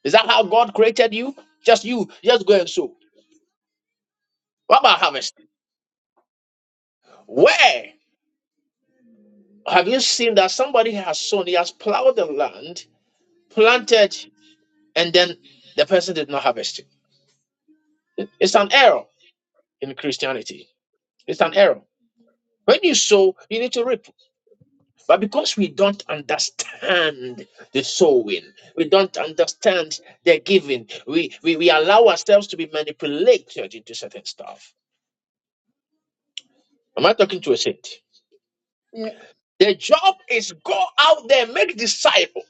[SPEAKER 1] Is that how God created you? Just you, just go and sow. What about harvest? Where? Have you seen that somebody has sown, he has plowed the land, planted, and then the person did not harvest? It- It's an error in Christianity. It's an error. When you sow, you need to reap. But because we don't understand the sowing, we don't understand the giving, we, we, we allow ourselves to be manipulated into certain stuff. Am I talking to a saint?
[SPEAKER 2] Yeah.
[SPEAKER 1] The job is go out there, make disciples,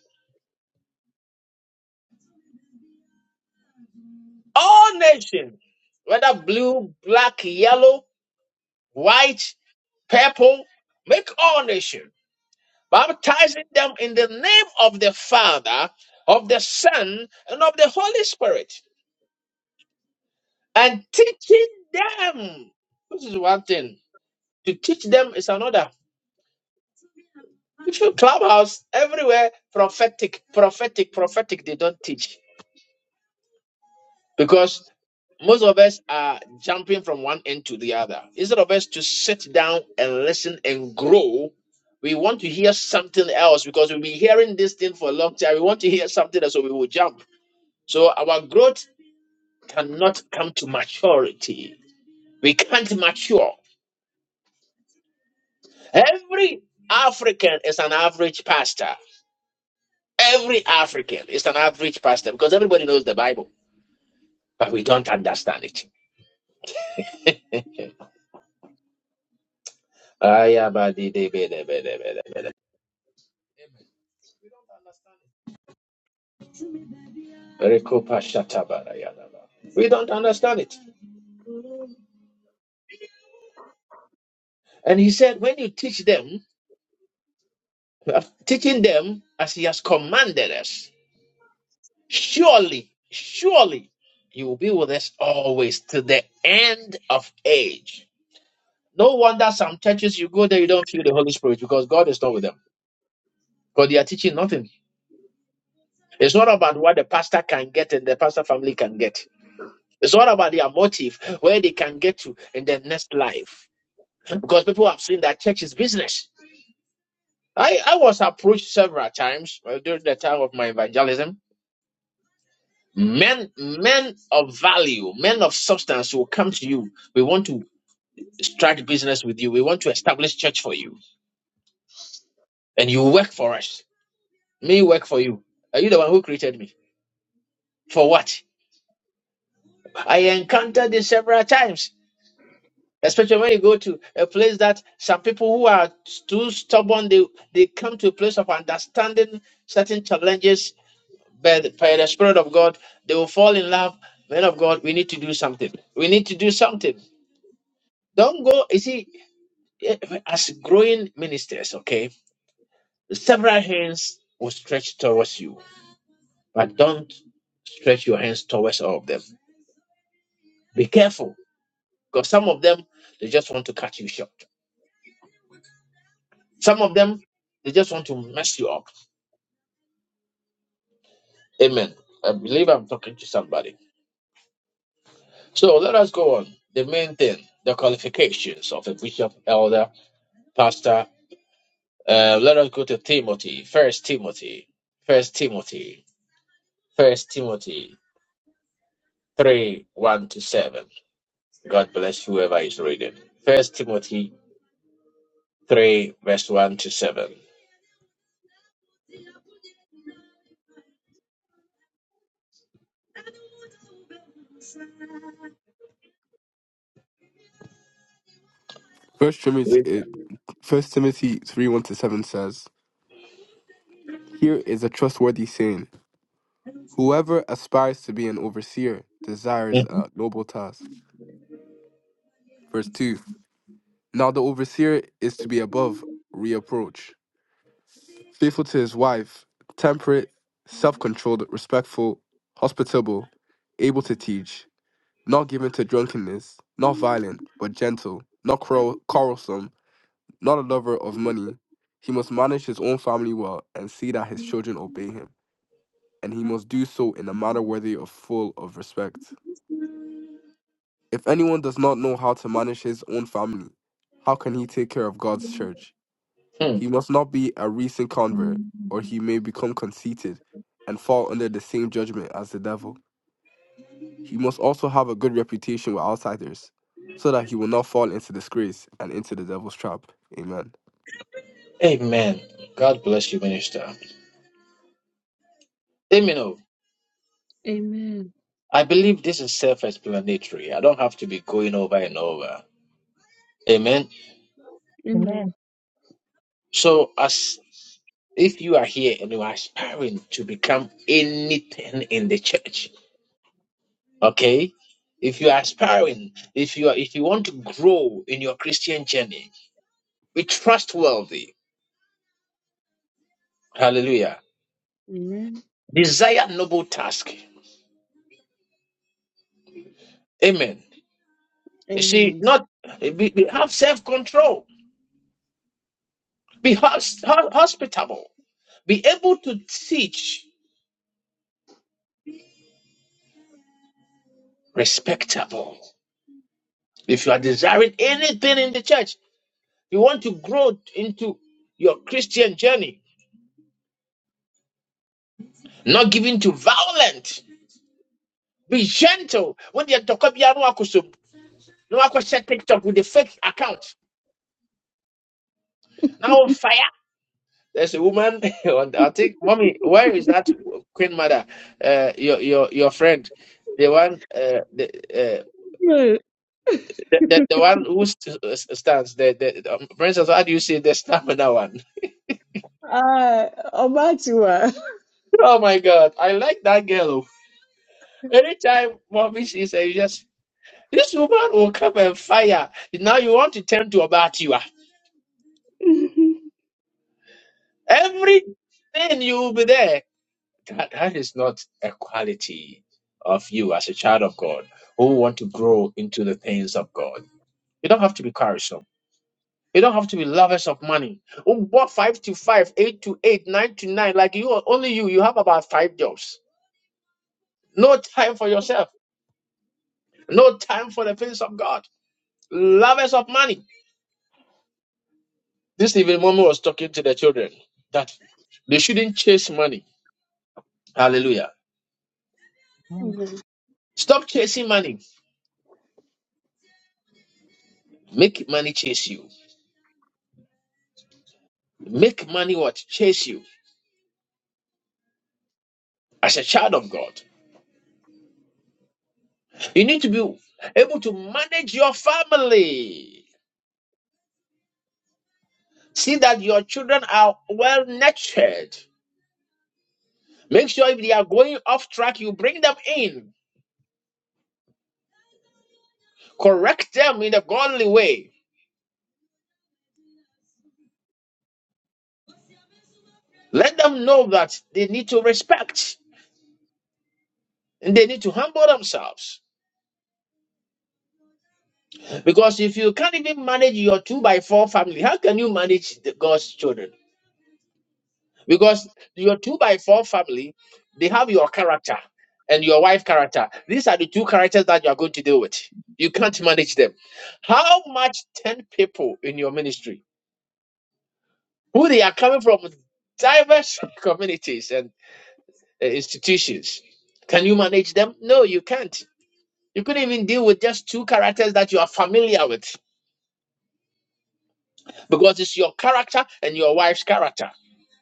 [SPEAKER 1] all nations, whether blue, black, yellow, white, purple, make all nation, baptizing them in the name of the Father, of the Son, and of the Holy Spirit, and teaching them. This is one thing. To teach them is another. If you clubhouse everywhere, prophetic, prophetic, prophetic, they don't teach Most of us are jumping from one end to the other. Instead of us to sit down and listen and grow, we want to hear something else because we've been hearing this thing for a long time. We want to hear something else, so we will jump. So our growth cannot come to maturity. We can't mature. Every African is an average pastor. Every African is an average pastor because everybody knows the Bible, but we don't understand it. Ayabadidebedebedebede. Amen. We don't understand it. Rekopa shatabara We don't understand it. And he said, when you teach them, uh, teaching them as he has commanded us, surely, surely you will be with us always to the end of age. No wonder some churches you go there, you don't feel the Holy Spirit because God is not with them. Because they are teaching nothing. It's not about what the pastor can get and the pastor family can get. It's all about their motive, where they can get to in their next life. Because people have seen that church is business. I, I was approached several times uh, during the time of my evangelism. Men, men of value, men of substance will come to you. We want to start business with you. We want to establish church for you, and you work for us. Me work for you. Are you the one who created me? For what? I encountered this several times, especially when you go to a place that some people who are too stubborn, they they come to a place of understanding certain challenges But by the Spirit of God, they will fall in love. Men of God, we need to do something. We need to do something. Don't go, you see, eh, as growing ministers, okay, several hands will stretch towards you, but don't stretch your hands towards all of them. Be careful, because some of them, they just want to cut you short. Some of them, they just want to mess you up. Amen. I believe I'm talking to somebody. So let us go on. The main thing, the qualifications of a bishop, elder, pastor, Uh, let us go to Timothy. First Timothy. First Timothy. First Timothy three one to seven. God bless whoever is reading. First Timothy three verse one to seven.
[SPEAKER 4] First Timothy,
[SPEAKER 1] Read.
[SPEAKER 4] eh, First Timothy 3 1 to 7 says, Here is a trustworthy saying. Whoever aspires to be an overseer desires
[SPEAKER 1] Mhm.
[SPEAKER 4] a noble task. Verse 2 Now the overseer is to be above reproach, faithful to his wife, temperate, self controlled, respectful, hospitable, able to teach, not given to drunkenness, not violent, but gentle, not quarrel- quarrelsome, not a lover of money. He must manage his own family well and see that his children obey him, and he must do so in a manner worthy of full of respect. If anyone does not know how to manage his own family, how can he take care of God's church?
[SPEAKER 1] Hmm.
[SPEAKER 4] He must not be a recent convert, or he may become conceited and fall under the same judgment as the devil. He must also have a good reputation with outsiders, so that he will not fall into disgrace and into the devil's trap. Amen.
[SPEAKER 1] Amen. God bless you, minister. Amen. oh.
[SPEAKER 2] Amen.
[SPEAKER 1] I believe this is self-explanatory. I don't have to be going over and over. Amen.
[SPEAKER 2] Amen.
[SPEAKER 5] Amen.
[SPEAKER 1] So, as if you are here and you are aspiring to become anything in the church, okay? If you are aspiring, if you are, if you want to grow in your Christian journey, be trustworthy. Hallelujah.
[SPEAKER 2] Amen.
[SPEAKER 1] Desire noble task. Amen. You see,
[SPEAKER 2] Amen.
[SPEAKER 1] not be, be- have self control. Be hos, ho- hospitable. Be able to teach respectable. If you are desiring anything in the church, You want to grow into your Christian journey, not giving to violent. Be gentle. When you talk about no one, no share TikTok with the fake account. Now on fire. There's a woman. on- the- I think, mommy, where is that Queen Mother? Uh, your your your friend, the one, uh, the, uh,
[SPEAKER 2] Good.
[SPEAKER 1] the the the one who st- st- stands. The the um, princess. How do you say the stamina one?
[SPEAKER 2] Ah, ọba ti wà.
[SPEAKER 1] Oh my God, I like that girl. Anytime mommy sees her, you just This woman will come and fire. Now you want to turn to about you. Everything you will be there. That, that is not a quality of you as a child of God who want to grow into the things of God. You don't have to be quarrelsome. You don't have to be lovers of money. Who bought five to five, eight to eight, nine to nine. Like you, only you, you have about five jobs. No time for yourself. No time for the things of God. Lovers of money This evening, mommy was talking to the children that they shouldn't chase money. Hallelujah.
[SPEAKER 5] Amen.
[SPEAKER 2] Amen.
[SPEAKER 1] Stop chasing money. Make money chase you. Make money what? Chase you. As a child of God, you need to be able to manage your family. See that your children are well nurtured. Make sure if they are going off track, you bring them in. Correct them in a godly way. Let them know that they need to respect and they need to humble themselves. Because if you can't even manage your two by four family, how can you manage the God's children? Because your two by four family, they have your character and your wife character. These are the two characters that you are going to deal with. You can't manage them. How much 10 people in your ministry who they are coming from diverse communities and uh, institutions? Can you manage them? No, you can't. You couldn't even deal with just two characters that you are familiar with. because it's your character and your wife's character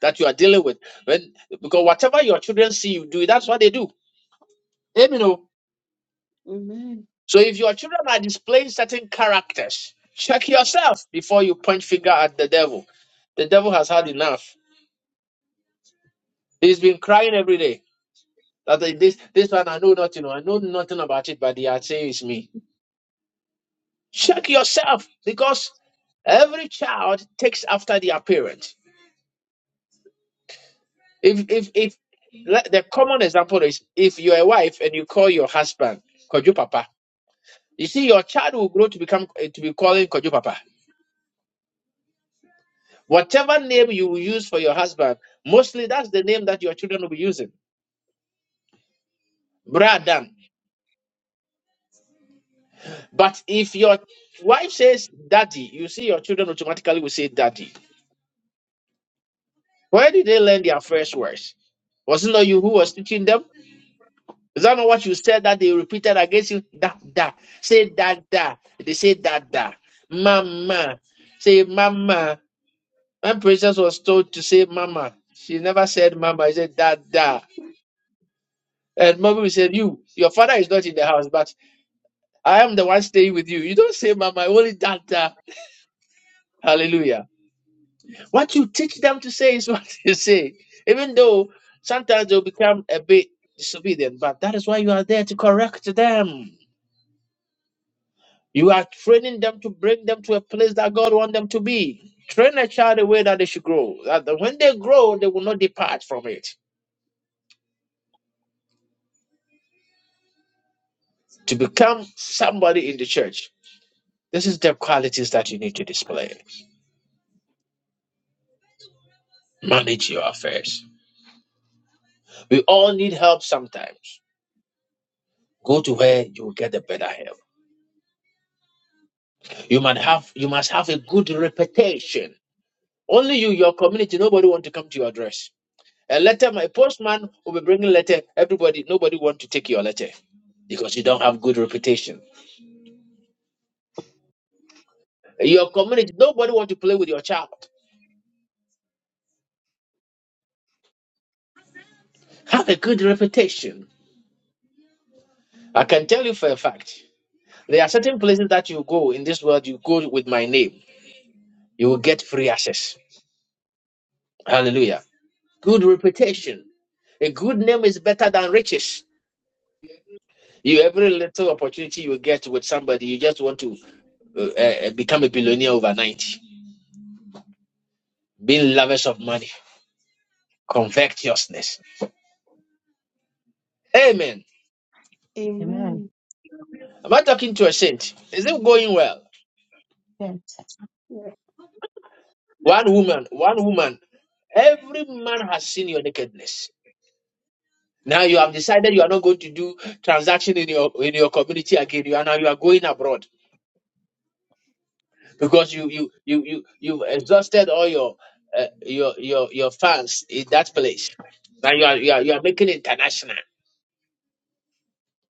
[SPEAKER 1] that you are dealing with. When because whatever your children see you do, that's what they do. Amen. oh.
[SPEAKER 2] Amen.
[SPEAKER 1] So if your children are displaying certain characters, check yourself before you point finger at the devil. The devil has had enough. He's been crying every day. That they- this this one I know nothing. oh, I know nothing about it, but they are saying it's me. Check yourself because every child takes after their parent. If if if let- the common example is if you're a wife and you call your husband Kojo Papa, you see your child will grow to become eh, to be calling Kojo Papa. Whatever name you will use for your husband, mostly that's the name that your children will be using. brother. But if your wife says daddy, you see your children automatically will say daddy. Where did they learn their first words? Was it not you who was teaching them? Is that not what you said that they repeated against you? Da da. Say da da. They say da da. Mama. Say mama. When princess was told to say mama, she never said mama. She said da da. And mommy said, You, your father is not in the house, but I am the one staying with you. You don't say mama, only da da. Hallelujah. What you teach them to say is what you say. Even though sometimes they'll become a bit disobedient, but that is why you are there to correct them. You are training them to bring them to a place that God wants them to be. Train a child the way that they should grow. That the- when they grow, they will not depart from it. To become somebody in the church, this is the qualities that you need to display. Manage your affairs. We all need help sometimes. Go to where you will get the better help. You must have you must have a good reputation. Only you, your community, nobody want to come to your address. A letter, my postman will be bringing letter. Everybody, nobody want to take your letter because you don't have good reputation. Your community, nobody want to play with your child. Have a good reputation. I can tell you for a fact. There are certain places that you go in this world. You go with my name, you will get free access. Hallelujah. Good reputation. A good name is better than riches. You every little opportunity you get with somebody, you just want to uh, uh, become a billionaire overnight, being lavish of money. Covetousness. Amen.
[SPEAKER 5] Amen.
[SPEAKER 2] Amen.
[SPEAKER 1] Am I talking to a saint? Is it going well?
[SPEAKER 5] Yes.
[SPEAKER 2] Yeah.
[SPEAKER 1] One woman, one woman. Every man has seen your nakedness. Now you have decided you are not going to do transaction in your in your community again. You are now you are going abroad because you you you you you've exhausted all your uh, your your your fans in that place. Now you are, you are you are making it international.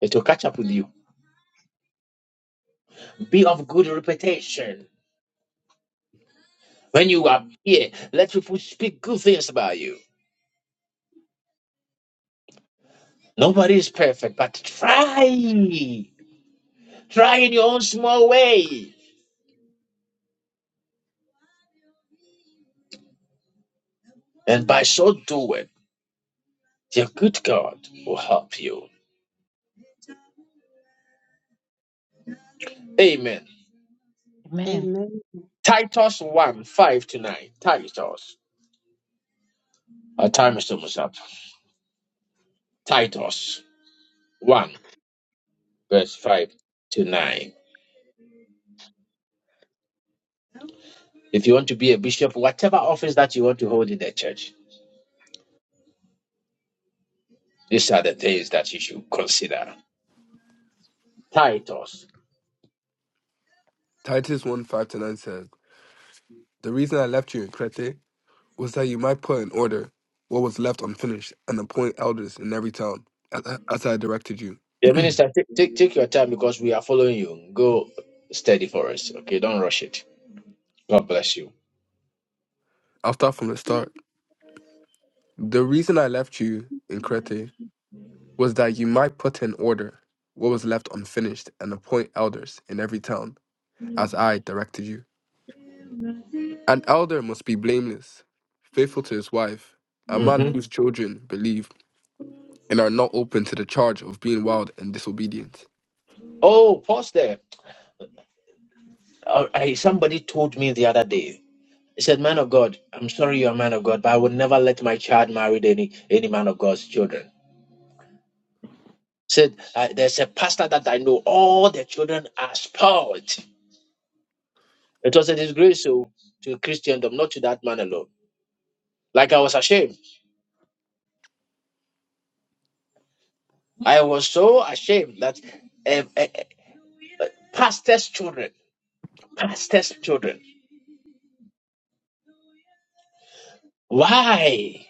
[SPEAKER 1] It will catch up with you. Be of good reputation when you are here. Let people speak good things about you. Nobody is perfect, but try. Try in your own small way. And by so doing, your good God will help you. Amen.
[SPEAKER 5] Amen.
[SPEAKER 2] Amen.
[SPEAKER 1] Titus 1 5 to 9. Titus. Our time is almost up. Titus 1 verse 5 to 9. If you want to be a bishop, whatever office that you want to hold in the church, these are the things that you should consider. Titus.
[SPEAKER 4] Titus 1 5 to 9 says, The reason I left you in Crete was that you might put in order what was left unfinished and appoint elders in every town, as as I directed you.
[SPEAKER 1] The minister, take, take, take your time because we are following you. Go steady for us. Okay, don't rush it. God bless you.
[SPEAKER 4] I'll start from the start. The reason I left you in Crete was that you might put in order what was left unfinished and appoint elders in every town, as I directed you. An elder must be blameless, faithful to his wife, a man
[SPEAKER 1] hmm
[SPEAKER 4] whose children believe and are not open to the charge of being wild and disobedient.
[SPEAKER 1] Oh, pause there. Uh, I, somebody told me the other day. He said, "Man of God, I'm sorry you're a man of God, but I would never let my child marry any any man of God's children." Said uh, there's a pastor that I know. All the children are spoiled. It was a disgrace so, to Christendom, not to that man alone. Like I was ashamed. I was so ashamed that uh, uh, uh, pastors' children, pastors' children. Why?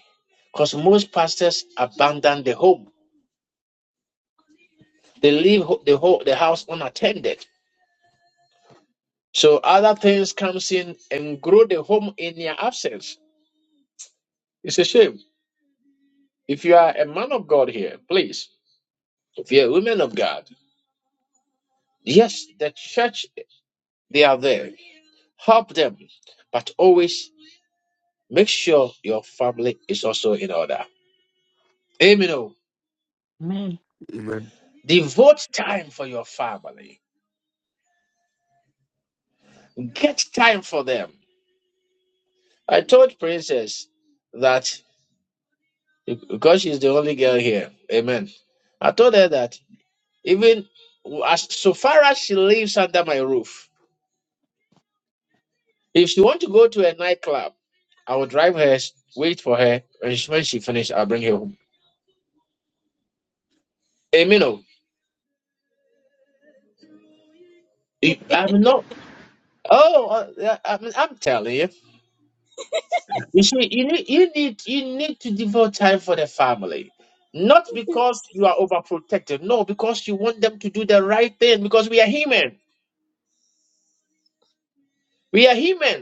[SPEAKER 1] Because most pastors abandon the home They leave ho- the whole the house unattended. So other things comes in and grow the home in their absence. It's a shame. If you are a man of God here, please. If you're a woman of God, yes, the church they are there. Help them, but always make sure your family is also in order. Amen. oh.
[SPEAKER 5] Amen.
[SPEAKER 4] Amen.
[SPEAKER 1] Devote time for your family. Get time for them. I told Princess that because she's the only girl here. Amen. I told her that Even as so far as she lives under my roof, if she want to go to a nightclub, I will drive her, wait for her, and she- when she finish, I'll bring her home. Amen. oh. If- I'm not. Oh, uh, yeah, I mean, I'm telling you. You see, you need, you need, you need to devote time for the family, not because you are overprotective. No, because you want them to do the right thing. Because we are human. We are human.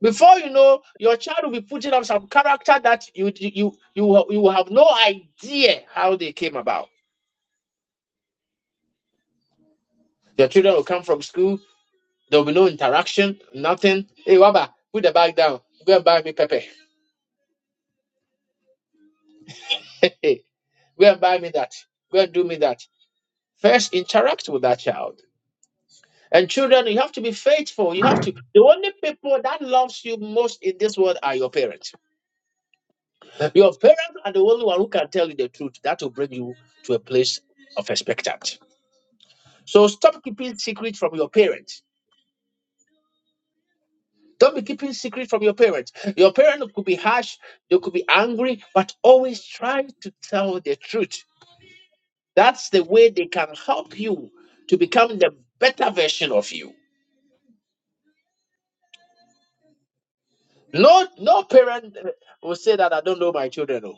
[SPEAKER 1] Before you know, your child will be putting up some character that you you you you will have no idea how they came about. Your children will come from school. There will be no interaction, nothing. Hey, Waba, put the bag down. Go and buy me pepper. Go and buy me that. Go and do me that. First, interact with that child. And children, you have to be faithful. You have to. The only people that loves you most in this world are your parents. Your parents are the only one who can tell you the truth. That will bring you to a place of expectant. So stop keeping secret from your parents. Don't be keeping secret from your parents. Your parent could be harsh, they could be angry, but always try to tell the truth. That's the way they can help you to become the better version of you. No, no parent uh, will say that I don't know my children. oh."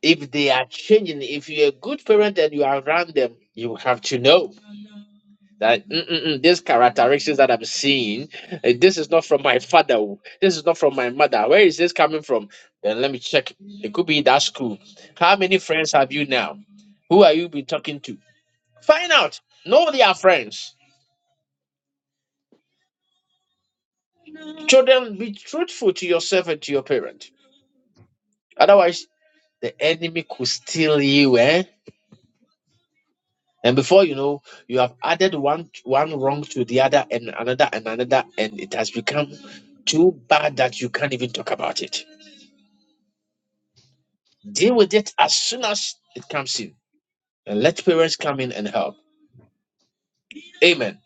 [SPEAKER 1] If they are changing, if you're a good parent and you are around them, you have to know. that mm, mm, mm, these characteristics that I'm seeing, eh, this is not from my father. oh. This is not from my mother. Where is this coming from? Then let me check. It could be that school. How many friends have you now? Who are you been talking to? Find out. Know their friends. Children, be truthful to yourself and to your parent. Otherwise, the enemy could steal you, eh? And before you know, you have added one one wrong to the other and another and another, and it has become too bad that you can't even talk about it. Deal with it as soon as it comes in and let parents come in and help. Amen.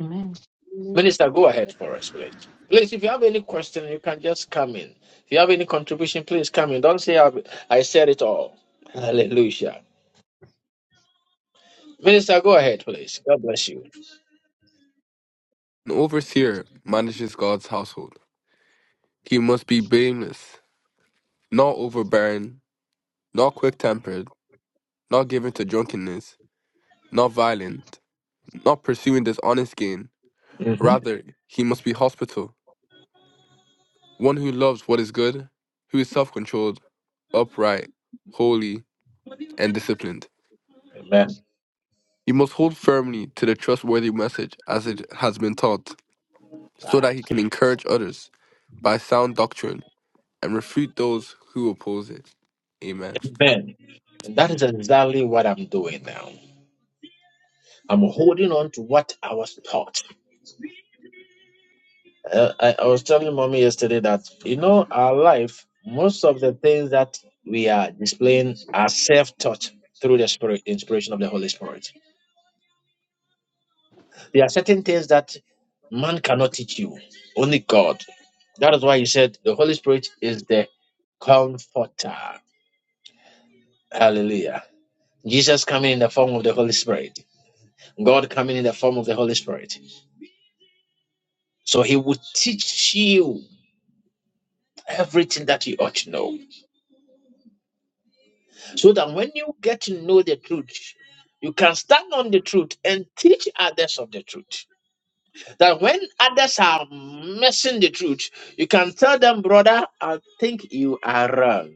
[SPEAKER 5] Amen.
[SPEAKER 2] Amen.
[SPEAKER 1] Minister, go ahead for us, please. Please, if you have any question, you can just come in. If you have any contribution, please come in. Don't say I, I said it all. Hallelujah. Minister, go ahead, please. God bless you.
[SPEAKER 4] An overseer manages God's household. He must be blameless, not overbearing, not quick tempered, not given to drunkenness, not violent, not pursuing dishonest gain Rather, he must be hospitable, one who loves what is good, who is self controlled, upright, holy, and disciplined.
[SPEAKER 1] Amen.
[SPEAKER 4] He must hold firmly to the trustworthy message as it has been taught, so that he can encourage others by sound doctrine and refute those who oppose it. Amen.
[SPEAKER 1] Amen. And that is exactly what I'm doing now. I'm holding on to what I was taught Uh, I, I was telling mommy yesterday that you know our life, most of the things that we are displaying are self-taught through the spirit inspiration of the Holy Spirit. There are certain things that man cannot teach you, only God. That is why he said the Holy Spirit is the comforter. Hallelujah. Jesus coming in the form of the Holy Spirit. God coming in the form of the Holy Spirit. So he would teach you everything that you ought to know. so that when you get to know the truth, you can stand on the truth and teach others of the truth. That when others are missing the truth, you can tell them, brother, I think you are wrong.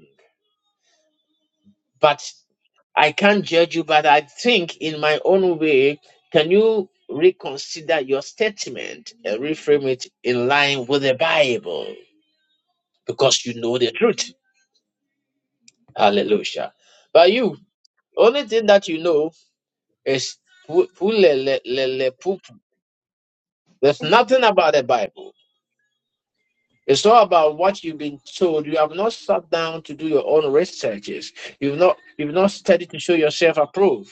[SPEAKER 1] But I can't judge you, but I think in my own way, can you reconsider your statement and reframe it in line with the Bible? Because you know the truth. Hallelujah. But you, only thing that you know It's pu- pulelelelepupu. There's nothing about the Bible. It's all about what you've been told. You have not sat down to do your own researches. You've not you've not studied to show yourself approved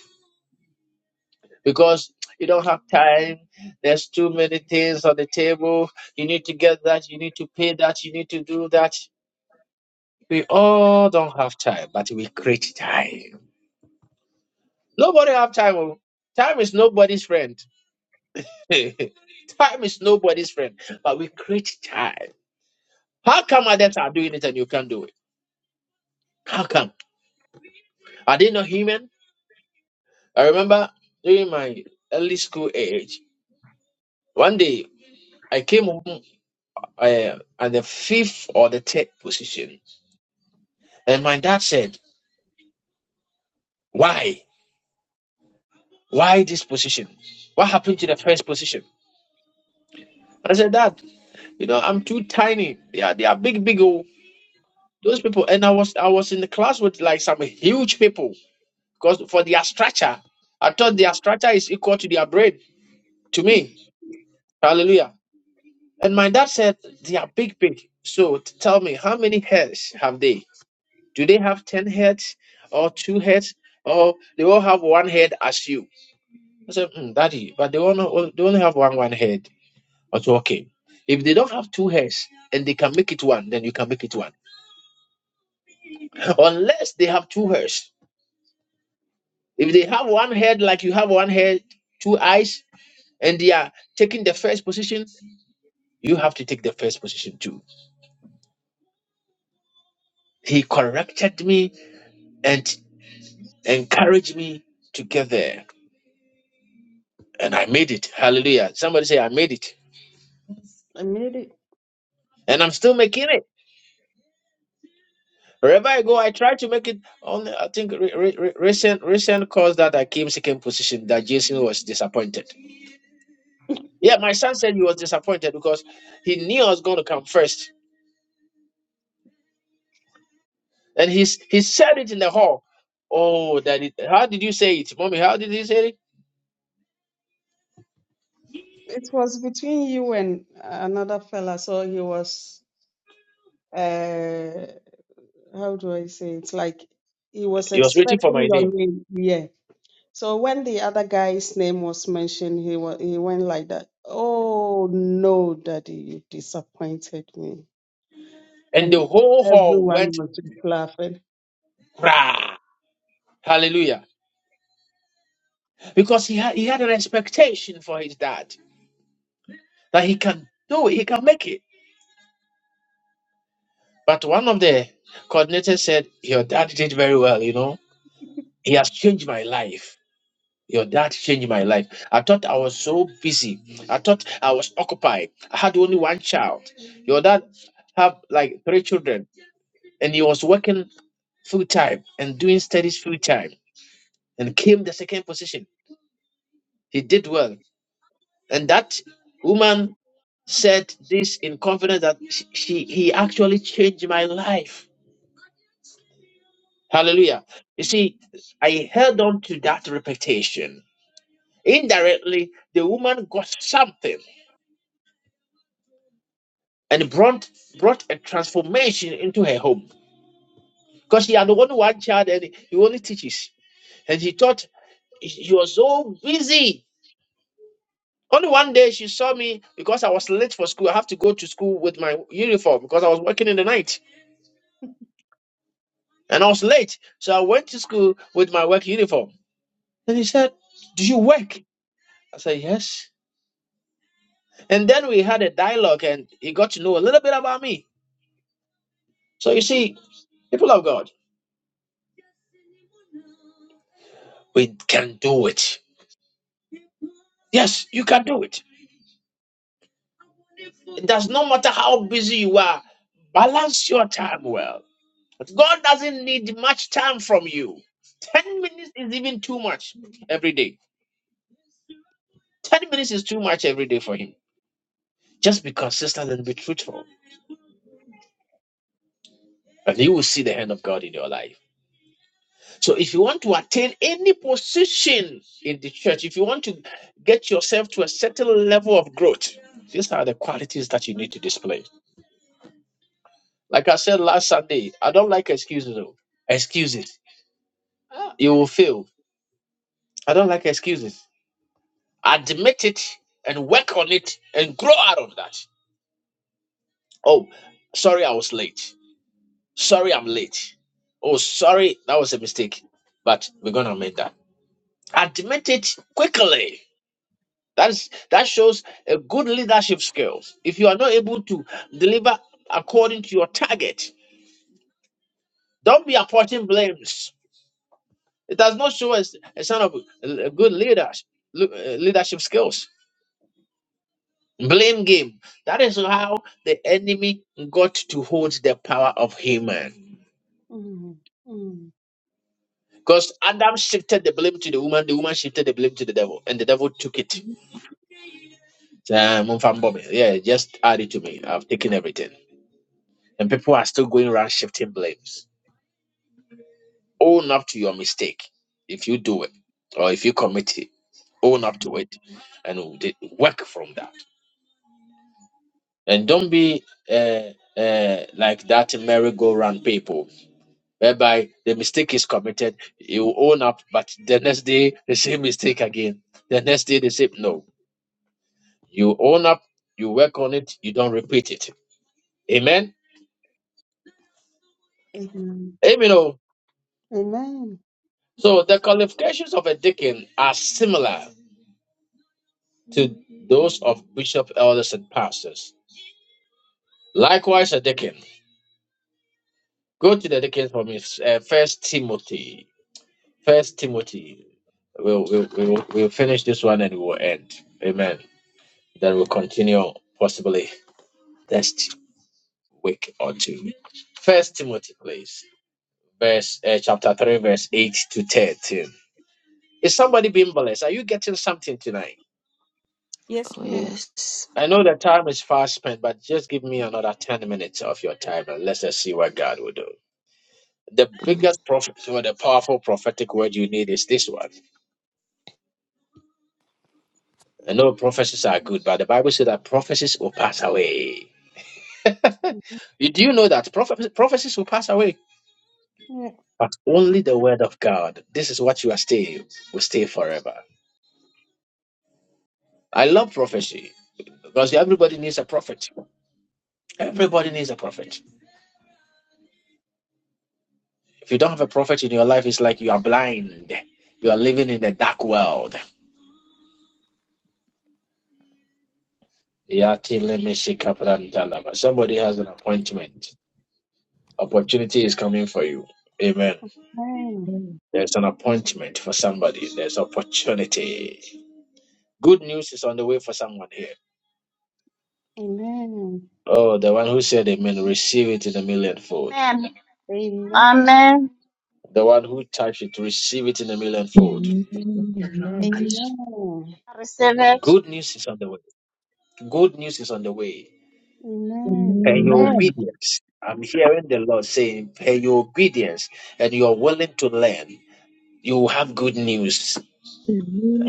[SPEAKER 1] because you don't have time. There's too many things on the table. You need to get that. You need to pay that. You need to do that. We all don't have time, but we create time. Nobody have time. oh. Time is nobody's friend. time is nobody's friend, but we create time. How come others are doing it and you can't do it? How come? Are they not human? I remember during my early school age, one day I came home uh, at the fifth or the third position, and my dad said, "Why? Why this position? What happened to the first position?" I said, "Dad, you know I'm too tiny. They are they are big, big old those people." And I was I was in the class with like some huge people because for their structure, I thought their structure is equal to their brain. To me, Hallelujah. And my dad said they are big, big. So t- tell me, how many heads have they? Do they have 10 heads or two heads or they all have one head as you? I said, mm, Daddy, but they only, they only have one, one head. I said, okay. If they don't have two heads and they can make it one, then you can make it one. Unless they have two heads. If they have one head, like you have one head, two eyes, and they are taking the first position, you have to take the first position too. He corrected me and. encouraged me to get there. And I made it. Hallelujah. Somebody say, I made it.
[SPEAKER 2] I made it.
[SPEAKER 1] And I'm still making it. Wherever I go, I try to make it. On I think re- re- re- recent recent cause that I came second position, that Jason was disappointed. Yeah, my son said he was disappointed because he knew I was going to come first, and he's he said it in the hall. Oh, that it, how did you say it, mommy? How did he say it?
[SPEAKER 2] It was between you and another fella, so he was. Uh, how do I say it's like he was
[SPEAKER 1] He was waiting for
[SPEAKER 2] expecting
[SPEAKER 1] my
[SPEAKER 2] your
[SPEAKER 1] name,
[SPEAKER 2] name. Yeah. So when the other guy's name was mentioned, he wa- he went like that. Oh no, Daddy, you disappointed me.
[SPEAKER 1] and the
[SPEAKER 2] And
[SPEAKER 1] whole hall
[SPEAKER 2] everyone
[SPEAKER 1] went
[SPEAKER 2] was just laughing.
[SPEAKER 1] hallelujah because he had he had an expectation for his dad. that he can do it, he can make it. But one of the coordinators said, Your dad did very well, you know. He has changed my life. Your dad changed my life. I thought I was so busy. I thought I was occupied. I had only one child. Your dad have like three children and he was working full time and doing studies full time and came the second position. He did well. And that woman said this in confidence that she, she he actually changed my life Hallelujah. You see, I held on to that reputation. Indirectly, the woman got something and brought brought a transformation into her home. Because she had only one child and he only teaches. And she thought she was so busy. Only one day she saw me because I was late for school. I have to go to school with my uniform because I was working in the night and I was late. So I went to school with my work uniform. And he said, Do you work? I said, Yes. And then we had a dialogue and he got to know a little bit about me. So you see, people of God, we can do it. Yes, you can do it. It does not matter how busy you are, balance your time well. But God doesn't need much time from you. 10 minutes is even too much every day. 10 minutes is too much every day for Him. Just be consistent and be truthful, and you will see the hand of God in your life. So if you want to attain any position in the church, if you want to get yourself to a certain level of growth, these are the qualities that you need to display. Like I said last Sunday, I don't like excuses. though. Excuses. Ah. You will fail. I don't like excuses. Admit it and work on it and grow out of that. Oh, sorry I was late. Sorry I'm late. Oh, sorry, that was a mistake. But we're gonna make that. Admit it quickly That's that shows a good leadership skills. If you are not able to deliver according to your target, don't be apporting blames. It does not show us a sign of a good leaders le- uh, leadership skills. Blame game. That is how the enemy got to hold the power of human.
[SPEAKER 2] Mm, mm,
[SPEAKER 1] Because Adam shifted the blame to the woman, the woman shifted the blame to the devil, and the devil took it.
[SPEAKER 2] mm,
[SPEAKER 1] So, um, Yeah, just add it to me. I've taken everything. And people are still going around shifting blames. Own up to your mistake if you do it or if you commit it. Own up to it and d- work from that. And don't be uh, uh, like that merry-go-round people whereby the mistake is committed, you own up, but the next day the same mistake again. The next day the same. No, you own up, you work on it, you don't repeat it. Amen.
[SPEAKER 2] Amen.
[SPEAKER 1] Amen. oh.
[SPEAKER 2] Amen.
[SPEAKER 1] So the qualifications of a deacon are similar to those of bishop, elders, and pastors. Likewise, a deacon. Go to the deacon for me. Uh, First Timothy. First Timothy. We'll, we'll, we'll, we'll finish this one and we'll end. Amen. Then we'll continue possibly next week or two. First Timothy, please. Verse uh, chapter three, verse eight to thirteen. Is somebody being blessed? Are you getting something tonight?
[SPEAKER 8] Yes,
[SPEAKER 6] Oh,
[SPEAKER 8] please.
[SPEAKER 2] Yeah.
[SPEAKER 6] yes.
[SPEAKER 1] I know the time is fast spent, but just give me another ten minutes of your time and let's just see what God will do. the
[SPEAKER 6] Mm.
[SPEAKER 1] biggest prophet or the powerful prophetic word you need is this one. I know prophecies are good, but the Bible says that prophecies will pass away.
[SPEAKER 2] mm,
[SPEAKER 1] You do you know that prophe- prophecies will pass away?
[SPEAKER 2] yeah,
[SPEAKER 1] But only the word of God. This is what you are staying, will stay forever. I love prophecy because everybody needs a prophet. Everybody needs a prophet. If you don't have a prophet in your life, it's like you are blind. You are living in a dark world. Yati leme shikapranta lama. Somebody has an appointment. Opportunity is coming for you. Amen.
[SPEAKER 2] Amen.
[SPEAKER 5] Amen.
[SPEAKER 1] There's an appointment for somebody. There's opportunity. Good news is on the way for someone here.
[SPEAKER 2] Amen.
[SPEAKER 1] Oh, the one who said amen, receive it in a millionfold.
[SPEAKER 9] Amen.
[SPEAKER 2] Amen.
[SPEAKER 9] Amen.
[SPEAKER 1] The one who touched it, receive it in a millionfold.
[SPEAKER 10] Amen.
[SPEAKER 5] Amen.
[SPEAKER 10] Amen.
[SPEAKER 2] Amen.
[SPEAKER 9] I receive it.
[SPEAKER 1] Good news is on the way. Good news is on the way.
[SPEAKER 2] Amen.
[SPEAKER 1] And your
[SPEAKER 6] Amen.
[SPEAKER 1] obedience. I'm hearing the Lord saying, pay your obedience and you're willing to learn. You will have good news.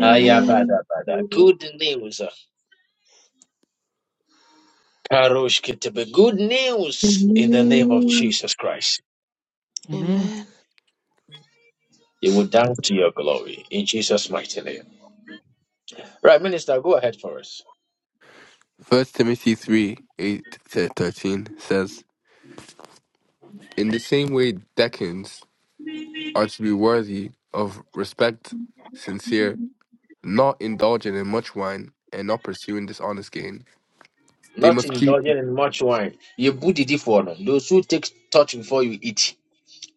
[SPEAKER 6] Amen.
[SPEAKER 2] Amen.
[SPEAKER 1] Good news. Karoshkete be good news in the name of
[SPEAKER 10] Amen.
[SPEAKER 1] Jesus Christ.
[SPEAKER 5] Amen.
[SPEAKER 6] Amen.
[SPEAKER 1] You will dance to your glory in Jesus' mighty name. Right, Minister, go ahead for us.
[SPEAKER 4] First Timothy 3 8 to 13 says, In the same way, deacons are to be worthy of respect, sincere, not indulging in much wine, and not pursuing dishonest gain. They
[SPEAKER 1] Not
[SPEAKER 4] must keep,
[SPEAKER 1] indulging in much wine. You budidi for no. Those who take touch before you eat.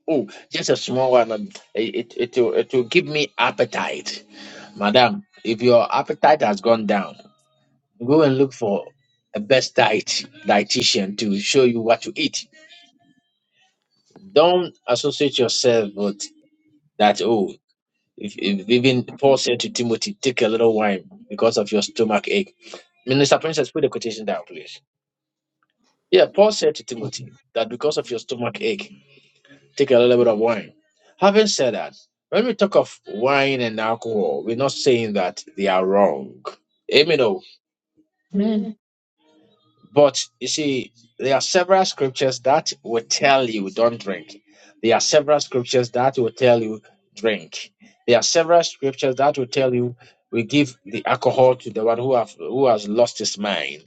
[SPEAKER 1] Oh, just a small one. and It, it, it, will, it will give me appetite. Madam, if your appetite has gone down, go and look for a best diet dietitian to show you what to eat. Don't associate yourself with that. Oh, If, if even Paul said to Timothy, take a little wine because of your stomach ache. Minister Princess, put the quotation down, please. Yeah, Paul said to Timothy that because of your stomach ache, take a little bit of wine. Having said that, when we talk of wine and alcohol, we're not saying that they are wrong. Amen.
[SPEAKER 5] Amen.
[SPEAKER 2] Amen.
[SPEAKER 1] But you see, there are several scriptures that will tell you don't drink. There are several scriptures that will tell you drink. There are several scriptures that will tell you we give the alcohol to the one who have who has lost his mind.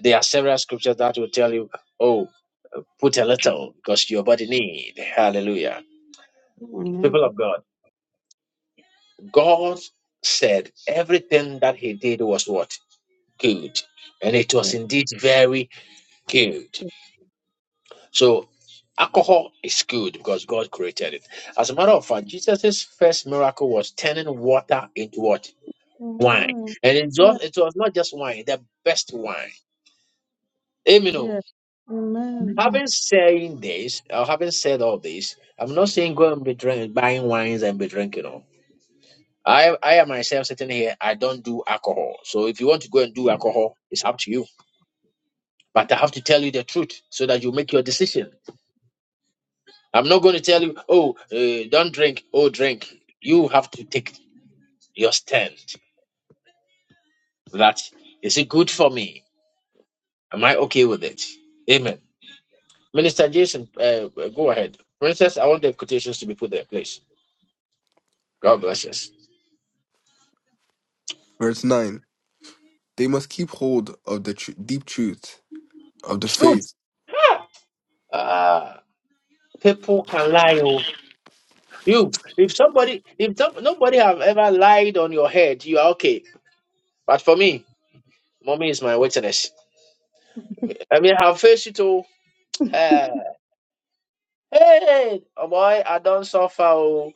[SPEAKER 1] There are several scriptures that will tell you, oh, put a little because your body need. Hallelujah.
[SPEAKER 2] Amen.
[SPEAKER 1] People of God, God said everything that he did was what? Good. And it
[SPEAKER 2] Yeah.
[SPEAKER 1] was indeed very good. So alcohol is good because God created it. As a matter of fact, Jesus' first miracle was turning water into what? Wine.
[SPEAKER 2] Amen.
[SPEAKER 1] And it,
[SPEAKER 2] Yeah.
[SPEAKER 1] just, it was not just wine, the best wine. Amen. oh.
[SPEAKER 2] Yeah. Amen.
[SPEAKER 1] Having saying this, or having said all this, I'm not saying go and be drink, buying wines and be drinking. Oh. I, I am myself sitting here, I don't do alcohol. So if you want to go and do alcohol, it's up to you. But I have to tell you the truth so that you make your decision. I'm not going to tell you, oh, uh, don't drink, oh, drink. You have to take your stand. That is it good for me? Am I okay with it? Amen. Minister Jason, uh, go ahead. Princess, I want the quotations to be put there, please. God bless us.
[SPEAKER 4] verse 9, they must keep hold of the tr- deep truth of the
[SPEAKER 1] Truth.
[SPEAKER 4] faith,
[SPEAKER 1] Ah, people can lie. Oh. You, if somebody, if some, nobody have ever lied on your head, you are okay. But for me, mommy is my witness. I mean, I have faced it all.
[SPEAKER 2] I
[SPEAKER 1] Eh, hey, oh boy, I don't suffer. oh.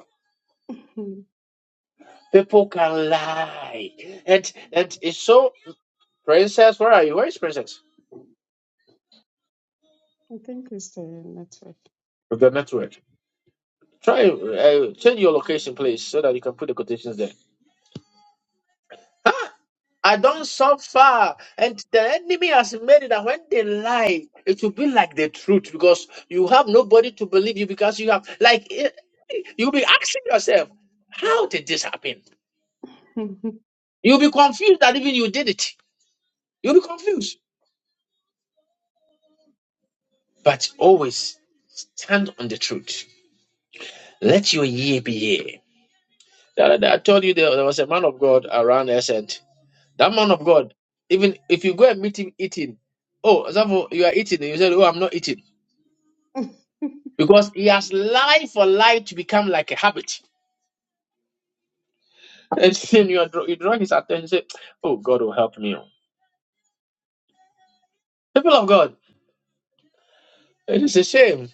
[SPEAKER 1] People can lie. And and it's so princess, where are you? Where is princess?
[SPEAKER 2] think we stay in network.
[SPEAKER 1] With the network. Try uh, change your location, please, so that you can put the quotations there. Huh? I don't suffer, and the enemy has made it that when they lie, it will be like the truth because you have nobody to believe you because you have like eh, you'll be asking yourself, how did this happen? You'll be confused that even you did it. You'll be confused, but always stand on the truth. Let your year be year. The other day I told you there, there was a man of God around us, and that man of God, even if you go and meet him eating, oh, Zafo, you are eating, and you said, Oh, I'm not eating. Because he has lied for life to become like a habit. And then you, are, draw- you draw his attention, and say, Oh, God will help me. oh." People of God, it is a shame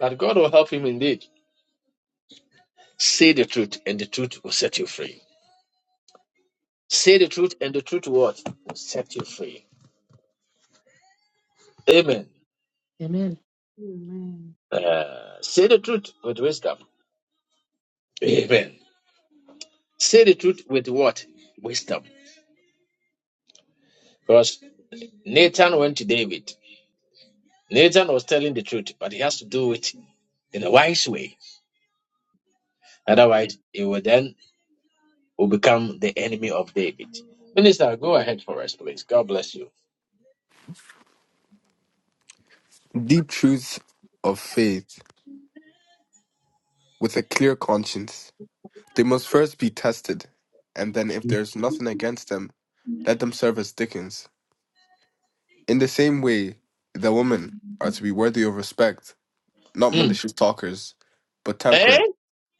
[SPEAKER 1] that God will help him indeed. Say the truth, and the truth will set you free. Say the truth, and the truth what? Will set you free. Amen.
[SPEAKER 5] Amen.
[SPEAKER 2] Amen.
[SPEAKER 1] Uh, say the truth with wisdom Amen. Say the truth with what? Wisdom. Because Nathan went to David. Nathan was telling the truth, but he has to do it in a wise way. Otherwise, he will then will become the enemy of David. Minister, go ahead for us, please. God bless you.
[SPEAKER 4] deep truths of faith, with a clear conscience. They must first be tested, and then, if there is nothing against them, let them serve as Dickens. In the same way, the women are to be worthy of respect, not
[SPEAKER 1] Hmm.
[SPEAKER 4] malicious talkers, but
[SPEAKER 1] Eh?
[SPEAKER 4] temperate,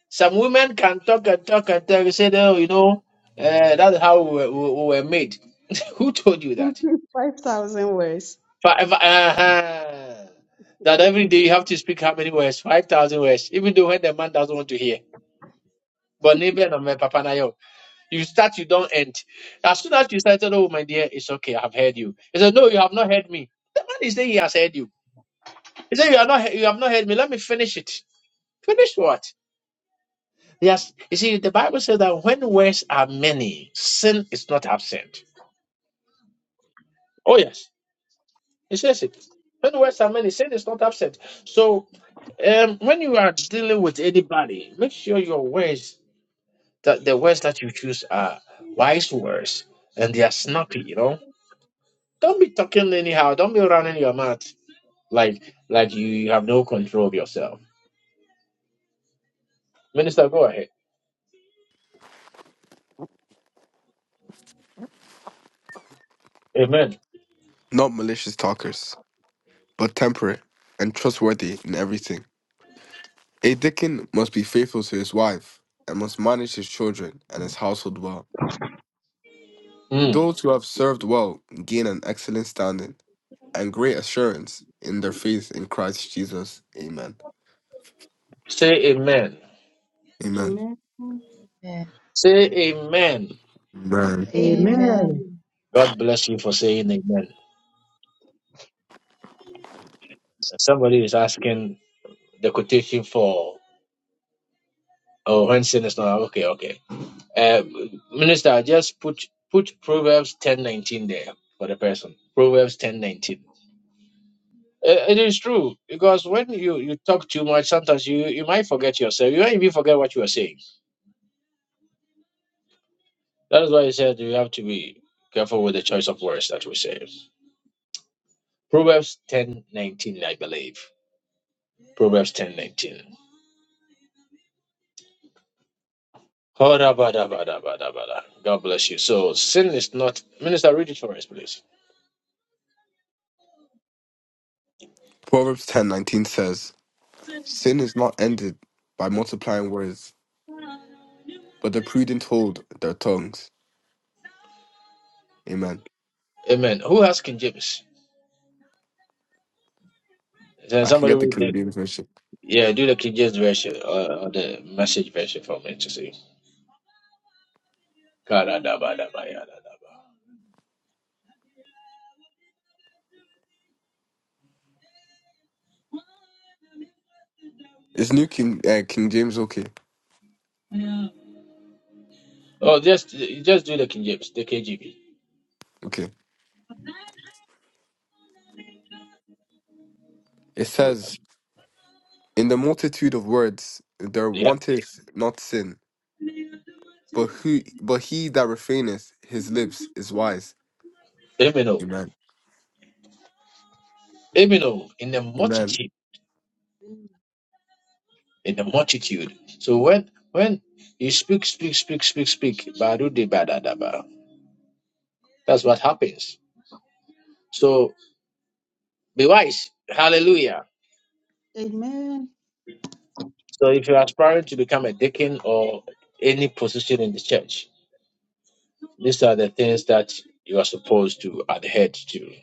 [SPEAKER 1] Some women can talk and talk and talk. You say, oh, you know, eh, that's how we, we, we were made. Who told you that?
[SPEAKER 2] 5,000 words.
[SPEAKER 1] Five. Uh-huh. That every day you have to speak how many words? 5,000 words. Even though when the man doesn't want to hear. But neighbor and my papa na yo. You start, you don't end. As soon as you started, oh my dear, it's okay, I have heard you. He said, No, you have not heard me. The man is saying he has heard you. He said, You are not you have not heard me. Let me finish it. Finish what? Yes. You see, the Bible says that when words are many, sin is not absent. Oh yes. It says it. When words are many, sin is not absent. So Um, when you are dealing with anybody, make sure your words that the words that you choose are wise words and they are snappy. You know, don't be talking anyhow. Don't be running your mouth like like you, have no control of yourself. Minister, go ahead. Amen.
[SPEAKER 4] not malicious talkers, but temperate and trustworthy in everything. A deacon must be faithful to his wife and must manage his children and his household well.
[SPEAKER 1] Mm.
[SPEAKER 4] Those who have served well gain an excellent standing and great assurance in their faith in Christ Jesus. Amen.
[SPEAKER 1] Say amen.
[SPEAKER 4] Amen.
[SPEAKER 2] Amen.
[SPEAKER 6] Amen.
[SPEAKER 1] Say amen.
[SPEAKER 4] Amen.
[SPEAKER 2] Amen.
[SPEAKER 5] Amen.
[SPEAKER 6] Amen.
[SPEAKER 1] God bless you for saying amen. Somebody is asking the quotation for oh when sin is not okay. Okay. Uh, Minister, just put put Proverbs ten nineteen there for the person. Proverbs ten nineteen. Uh, it is true because when you you talk too much, sometimes you you might forget yourself. You might even forget what you are saying. That is why I said you have to be careful with the choice of words that we say. Proverbs ten nineteen, I believe. Proverbs ten nineteen. Horabadabadabadabada. God bless you. So sin is not. Minister, read it for us, please.
[SPEAKER 4] Proverbs 10:19 says, "Sin is not ended by multiplying words, but the prudent hold their tongues." Amen.
[SPEAKER 1] Amen. Who has King James? Is
[SPEAKER 4] I can
[SPEAKER 1] somebody
[SPEAKER 4] get the
[SPEAKER 1] read it?
[SPEAKER 4] King James version.
[SPEAKER 1] Yeah, do the King James version or, or the message version for me to see. ka da da ba
[SPEAKER 4] Is New King uh, King James. Okay,
[SPEAKER 1] Oh, just just do the King James, the KGB.
[SPEAKER 4] okay. It
[SPEAKER 1] Good.
[SPEAKER 4] says, "In the multitude of words, there
[SPEAKER 1] Yeah.
[SPEAKER 4] wanteth not sin." But who but he that refraineth his lips is wise.
[SPEAKER 1] Amen. oh.
[SPEAKER 4] Amen.
[SPEAKER 1] Amen. oh. In the
[SPEAKER 4] Amen.
[SPEAKER 1] multitude, in the multitude. So when when you speak, speak, speak, speak, speak, ba de ba da that's what happens. So be wise. Hallelujah.
[SPEAKER 2] Amen.
[SPEAKER 1] So if you're aspiring to become a deacon or any position in the church, These are the things that you are supposed to adhere to.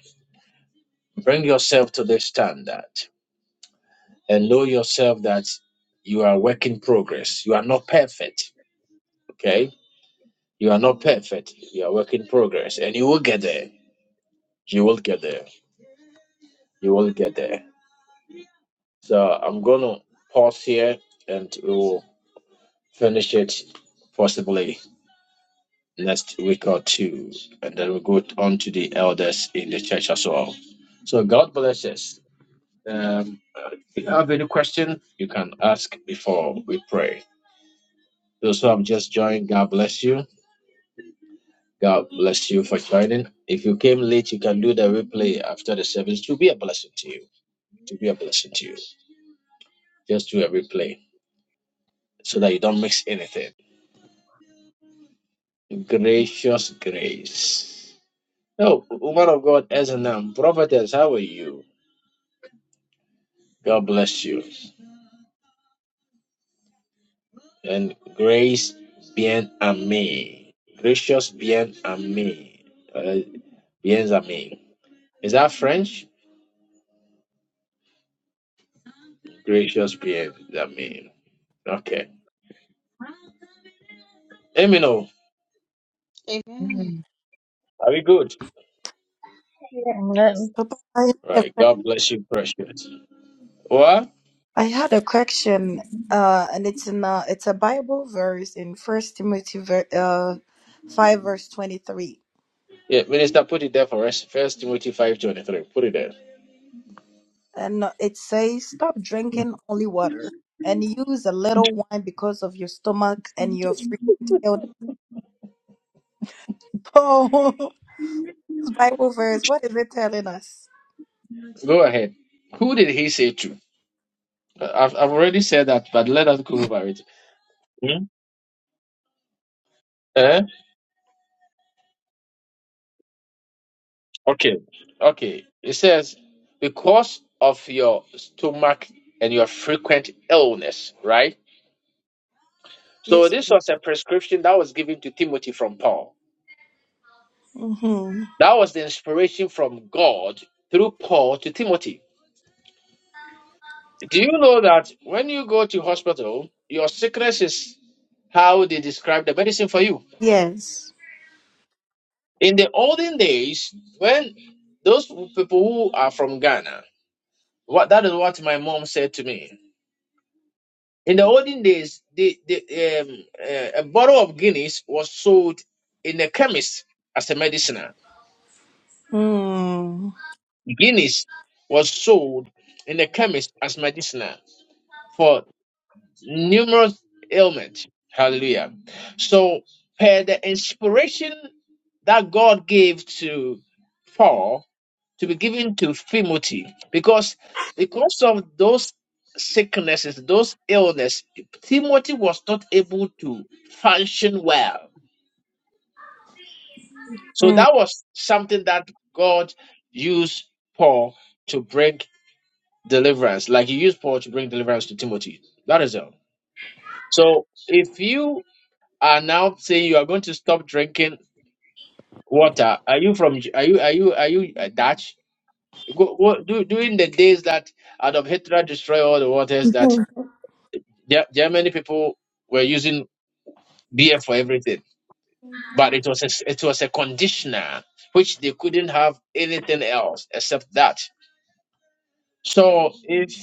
[SPEAKER 1] Bring yourself to this standard and know yourself that you are a work in progress. You are not perfect. Okay? You are not perfect. You are a work in progress. And you will get there. You will get there. You will get there. So I'm gonna pause here and we'll finish it possibly next week or two. And then we'll go on to the elders in the church as well. So God bless us. Um, if you have any question, you can ask before we pray. Those who have just joined, God bless you. God bless you for joining. If you came late, you can do the replay after the service to be a blessing to you. To be a blessing to you. Just do a replay so that you don't mix anything. Gracious grace. Oh, woman of God, Ezanam, prophetess, how are you? God bless you. And grace bien me. Gracious bien me. Bien-Aimé. Is that French? Gracious Bien-Aimé. Okay. Emino,
[SPEAKER 2] Amen.
[SPEAKER 1] are we good?
[SPEAKER 2] Yeah.
[SPEAKER 9] Amen.
[SPEAKER 8] Papa, I had a,
[SPEAKER 1] Right.
[SPEAKER 8] que-
[SPEAKER 1] God bless you, precious. What?
[SPEAKER 8] I had a question, uh, and it's in uh, it's a Bible verse in First Timothy ver- uh, five verse twenty three,
[SPEAKER 1] Yeah, Minister, put it there for us. First Timothy five twenty-three. Put it there.
[SPEAKER 8] and uh, it says, "Stop drinking only water and use a little wine because of your stomach and your frequent illness." Oh, this Bible verse, what is it telling us?
[SPEAKER 1] Go ahead. Who did he say to? I've, I've already said that, but let us go over it. Hmm? Eh? Okay. Okay. It says, because of your stomach and your frequent illness, right? So
[SPEAKER 8] Yes,
[SPEAKER 1] this
[SPEAKER 8] please.
[SPEAKER 1] was a prescription that was given to Timothy from Paul.
[SPEAKER 8] Mm-hmm.
[SPEAKER 1] That was the inspiration from God through Paul to Timothy. Do you know that when you go to hospital, your sickness is how they describe the medicine for you?
[SPEAKER 8] Yes.
[SPEAKER 1] In the olden days, when those people who are from Ghana, what that is what my mom said to me. In the olden days, the, the um, uh, a bottle of Guinness was sold in the chemist as a medicinal.
[SPEAKER 8] Mm.
[SPEAKER 1] Guinness was sold in the chemist as medicinal for numerous ailments. Hallelujah. So, per the inspiration that God gave to Paul to be given to Timothy, because because of those sicknesses, those illness, Timothy was not able to function well. So that was something that God used Paul to bring deliverance, like He used Paul to bring deliverance to Timothy. That is all. So if you are now saying you are going to stop drinking water. Are you from? Are you? Are you? Are you uh, Dutch? Go, go, do, during the days that Adolf Hitler destroyed all the waters, that
[SPEAKER 8] Mm.
[SPEAKER 1] Ge- Germany people were using beer for everything, but it was a, s- it was a conditioner which they couldn't have anything else except that. So if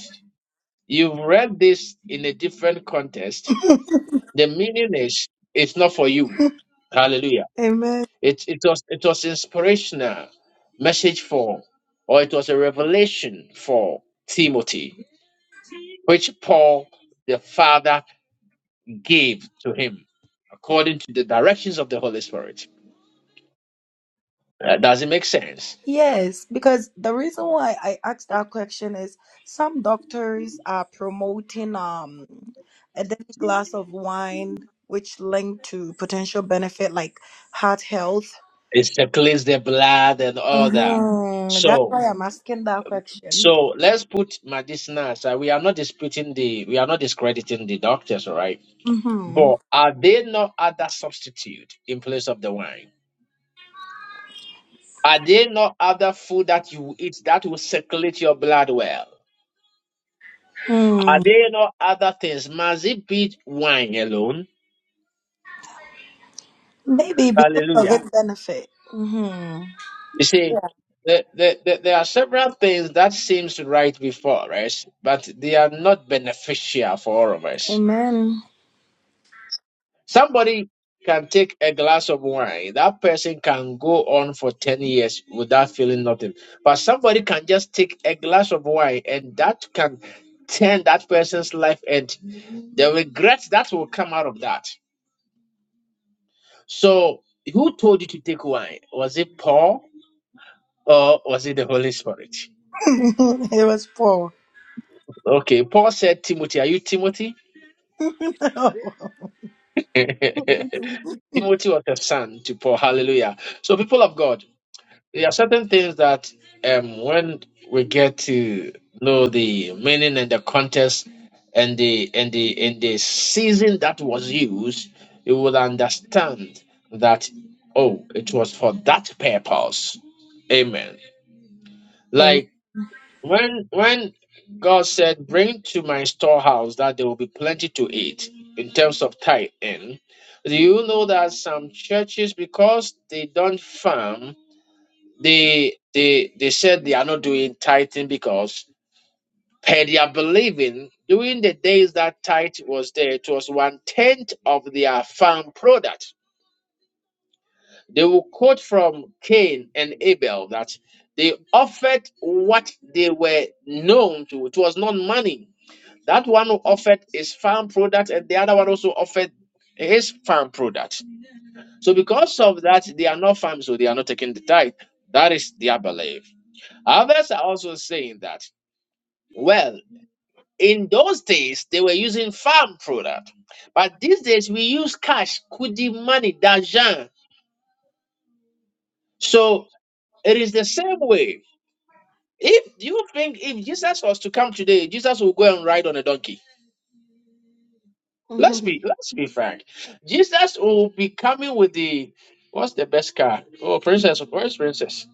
[SPEAKER 1] you've read this in a different context, the meaning is it's not for you. Hallelujah.
[SPEAKER 8] Amen.
[SPEAKER 1] It it was it was inspirational message for, or it was a revelation for Timothy, which Paul the Father gave to him according to the directions of the Holy Spirit. Uh, does it make sense?
[SPEAKER 8] Yes, because the reason why I asked that question is some doctors are promoting um a daily glass of wine which linked to potential benefit like heart health.
[SPEAKER 1] It's to cleanse the blood and all that.
[SPEAKER 8] Mhm. That's
[SPEAKER 1] So
[SPEAKER 8] why I'm asking that question.
[SPEAKER 1] so let's put medicinal aside. We are not disputing the we are not discrediting the doctors, all right?
[SPEAKER 8] Mm-hmm.
[SPEAKER 1] But are they not other substitute in place of the wine? Are there no other food that you eat that will circulate your blood well? Are
[SPEAKER 8] Mm.
[SPEAKER 1] there no other things? Must it be wine alone?
[SPEAKER 8] Maybe because of
[SPEAKER 1] Hallelujah.
[SPEAKER 8] its benefit. Mm-hmm.
[SPEAKER 1] You see,
[SPEAKER 8] Yeah.
[SPEAKER 1] the, the, the, there are several things that seems right before us, but they are not beneficial for all of us.
[SPEAKER 8] Amen.
[SPEAKER 1] Somebody can take a glass of wine. That person can go on for 10 years without feeling nothing. But somebody can just take a glass of wine and that can turn that person's life and. The regrets that will come out of that. So, who told you to take wine? Was it Paul or was it the Holy Spirit?
[SPEAKER 8] it was poor.
[SPEAKER 1] Okay, Paul said, Timothy, are you Timothy? Timothy was a son to Paul. Hallelujah. So, people of God, There are certain things that um, when we get to know the meaning and the context and the and the and the season that was used, you will understand that oh, it was for that purpose. Amen.
[SPEAKER 8] Amen.
[SPEAKER 1] Like when when God said, "Bring to my storehouse that there will be plenty to eat," in terms of tithe. In do you know that some churches, because they don't farm, they they they said they are not doing tithing because per their believing, during the days that tithe was there, it was one tenth of their farm product. They will quote from Cain and Abel that they offered what they were known to. It was not money. That one who offered his farm product, and the other one also offered his farm product. So because of that, they are not farmers so they are not taking the tithe. That is their belief. Others are also saying that, well, in those days they were using farm product, but these days we use cash, kudi money, dajan. So it is the same way. If do you think if Jesus was to come today, Jesus will go and ride on a donkey. Let's be let's be frank. Jesus will be coming with the what's the best car? Oh, princess, where's princess?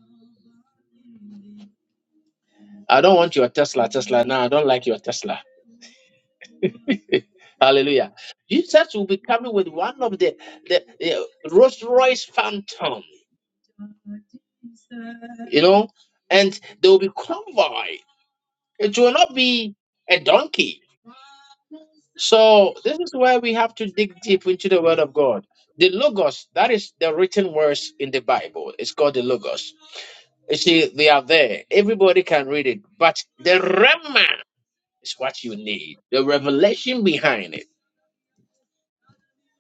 [SPEAKER 1] I don't want your Tesla, Tesla. No, I don't like your Tesla. Hallelujah. Jesus will be coming with one of the, the, the Rolls Royce Phantom, you know, and there will be convoy. It will not be a donkey. So this is where we have to dig deep into the word of God. The logos, that is the written words in the Bible. It's called the logos. You see, they are there. Everybody can read it. But the Rema is what you need. The revelation behind it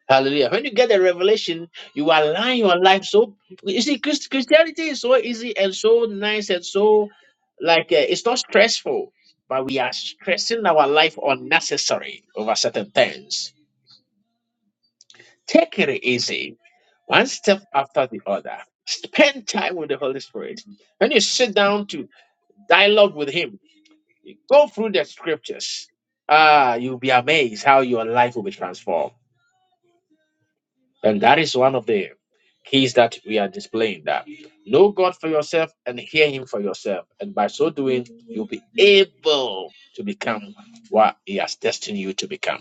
[SPEAKER 1] Hallelujah. When you get a revelation, you align your life so you see Christ, Christianity is so easy and so nice and so like uh, it's not stressful, but we are stressing our life unnecessary over certain things. Take it easy, one step after the other. Spend time with the Holy Spirit. When you sit down to dialogue with Him, you go through the scriptures. Ah, you'll be amazed how your life will be transformed. And that is one of the keys that we are displaying that know God for yourself and hear Him for yourself. And by so doing, you'll be able to become what He has destined you to become.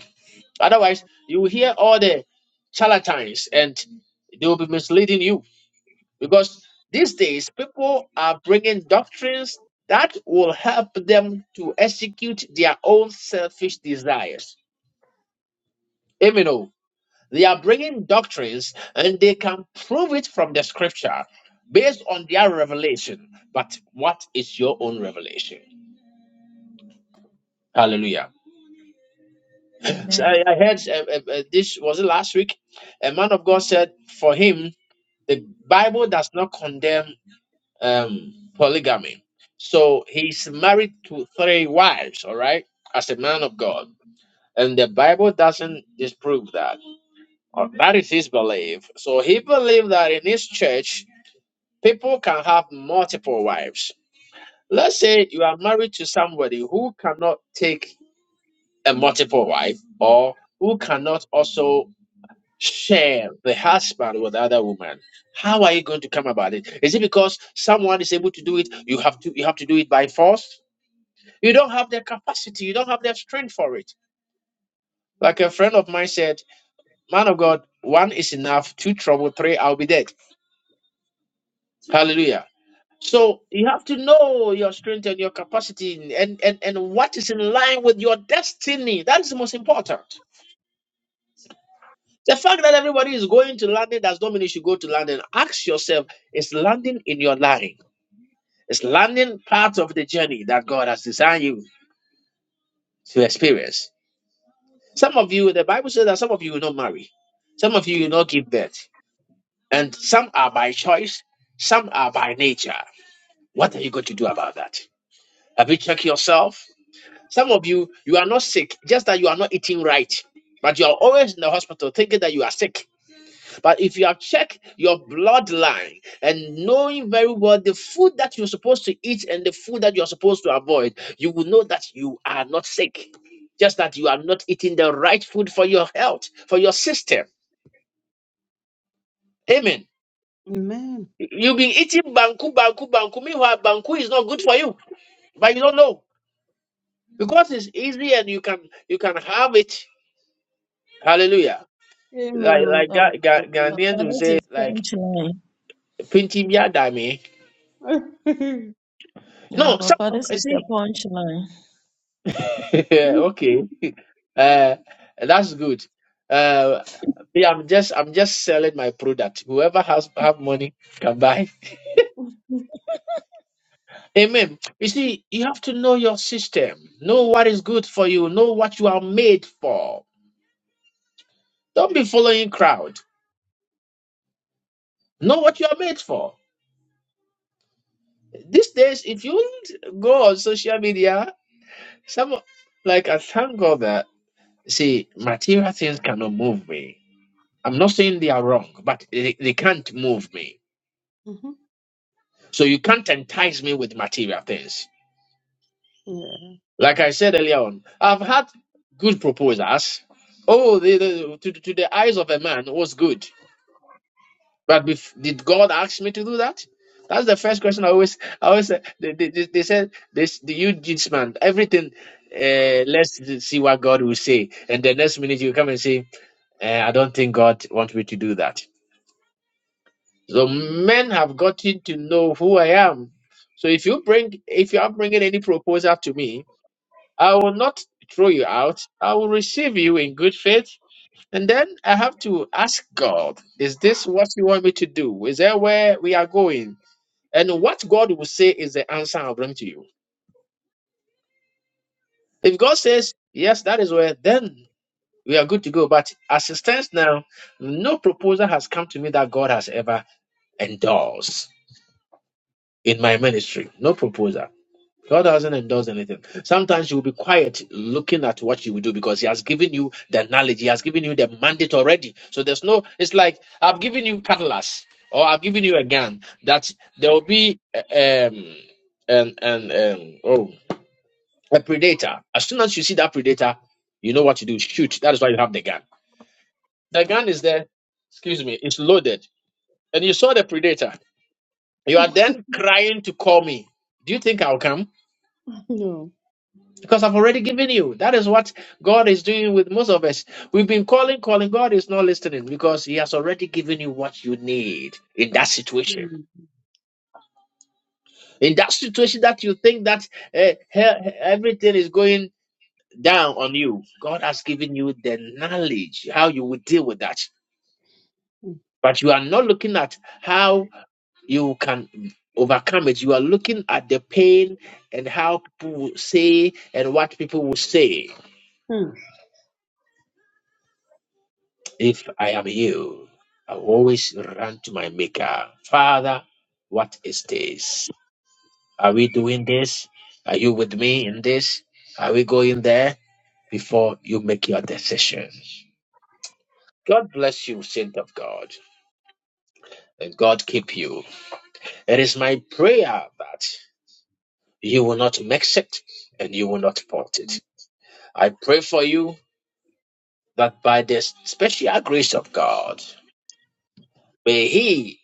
[SPEAKER 1] Otherwise, you will hear all the charlatans and they will be misleading you because these days people are bringing doctrines that will help them to execute their own selfish desires. Amen. oh. They are bringing doctrines and they can prove it from the scripture based on their revelation. But what is your own revelation? Hallelujah. So
[SPEAKER 6] Amen.
[SPEAKER 1] I, I heard uh, uh, uh, this was it last week. A man of God said, for him, the Bible does not condemn um, polygamy. So he's married to three wives, all right, as a man of God. And the Bible doesn't disprove that. Or That is his belief. So he believed that in his church, People can have multiple wives. Let's say you are married to somebody who cannot take a multiple wife or who cannot also share the husband with other women. How are you going to come about it? Is it because someone is able to do it, you have to you have to do it by force? You don't have the capacity, you don't have the strength for it. Like a friend of mine said, Man of God, one is enough, two trouble, three, I'll be dead. Hallelujah. So you have to know your strength and your capacity and, and, and what is in line with your destiny. That is the most important. The fact that everybody is going to London does not mean you should go to London. Ask yourself, is London in your line? Is London part of the journey that God has designed you to experience? Some of you, the Bible says that some of you will not marry, some of you will not give birth, and some are by choice, some are by nature. What are you going to do about that? Have you checked yourself? Some of you, you are not sick, just that you are not eating right. But you are always in the hospital thinking that you are sick. But if you have checked your bloodline and knowing very well the food that you're supposed to eat and the food that you're supposed to avoid, you will know that you are not sick. Just that you are not eating the right food for your health, for your system. Amen. You- You've been eating banku, banku, banku. Meanwhile, banku is not good for you, but you don't know because it's easy and you can you can have it. Hallelujah.
[SPEAKER 2] Mhm. Amen. Amen.
[SPEAKER 1] Like
[SPEAKER 2] oh.
[SPEAKER 1] like
[SPEAKER 6] Oh,
[SPEAKER 1] Ga- Ga- Ghanaians
[SPEAKER 6] Papa,
[SPEAKER 1] will
[SPEAKER 6] this
[SPEAKER 1] say
[SPEAKER 6] is
[SPEAKER 1] like
[SPEAKER 6] punchline.
[SPEAKER 1] pinching ya dame.
[SPEAKER 2] Amen.
[SPEAKER 6] Uh,
[SPEAKER 1] No, some
[SPEAKER 6] Papa,
[SPEAKER 1] um,
[SPEAKER 6] this
[SPEAKER 1] you
[SPEAKER 6] is the
[SPEAKER 1] see
[SPEAKER 6] punchline.
[SPEAKER 1] yeah, okay. Uh that's good. Uh yeah, I'm just I'm just selling my product. Whoever has have money can buy. Amen. You see, you have to know your system, know what is good for you, know what you are made for. Don't be following crowd. Know what you are made for. These days, if you go on social media, some like I thank God that. You See, material things cannot move me. I'm not saying they are wrong, but they, they can't move me.
[SPEAKER 2] Mhm.
[SPEAKER 1] So you can't entice me with material things.
[SPEAKER 2] Yeah.
[SPEAKER 1] Like I said earlier on, I've had good proposals. Oh, the, the, to, to the eyes of a man it was good. But bef- did God ask me to do that? That's the first question I always, I always say. They, they, they they said, this, the you judge man, everything, uh, let's see what God will say. And the next minute you come and say, eh, I don't think God wants me to do that So men have gotten to know who I am. So if you bring, if you are bringing any proposal to me, I will not throw you out. I will receive you in good faith, and then I have to ask God, is this what you want me to do? Is that where we are going? And what God will say is the answer I'll bring to you. If God says yes, that is where, then we are good to go. But as it stands now, no proposal has come to me that God has ever endorsed in my ministry. No proposal. God doesn't endorse anything. Sometimes you will be quiet looking at what you will do because He has given you the knowledge, He has given you the mandate already. So there's no, it's like I've given you cutlass or I've given you a gun that there will be uh, um and and um oh a predator. As soon as you see that predator, you know what to do. Shoot. That is why you have the gun. The gun is there, excuse me, it's loaded. And you saw the predator. You are then crying to call me. Do you think I'll come?
[SPEAKER 2] No.
[SPEAKER 1] because I've already given you. That is what God is doing with most of us. We've been calling, calling. God is not listening because He has already given you what you need in that situation.
[SPEAKER 2] Mm.
[SPEAKER 1] In that situation that you think that eh, he- everything is going down on you, God has given you the knowledge how you will deal with that.
[SPEAKER 2] Mm.
[SPEAKER 1] But you are not looking at how you can overcome it. You are looking at the pain and how people will say and what people will say.
[SPEAKER 2] Mm.
[SPEAKER 1] If I am you, I always run to my maker. Father, what is this? Are we doing this? Are you with me in this? Are we going there before you make your decision? God bless you, saint of God, and God keep you. It is my prayer that you will not mix it and you will not fault it. I pray for you that by the special grace of God, may He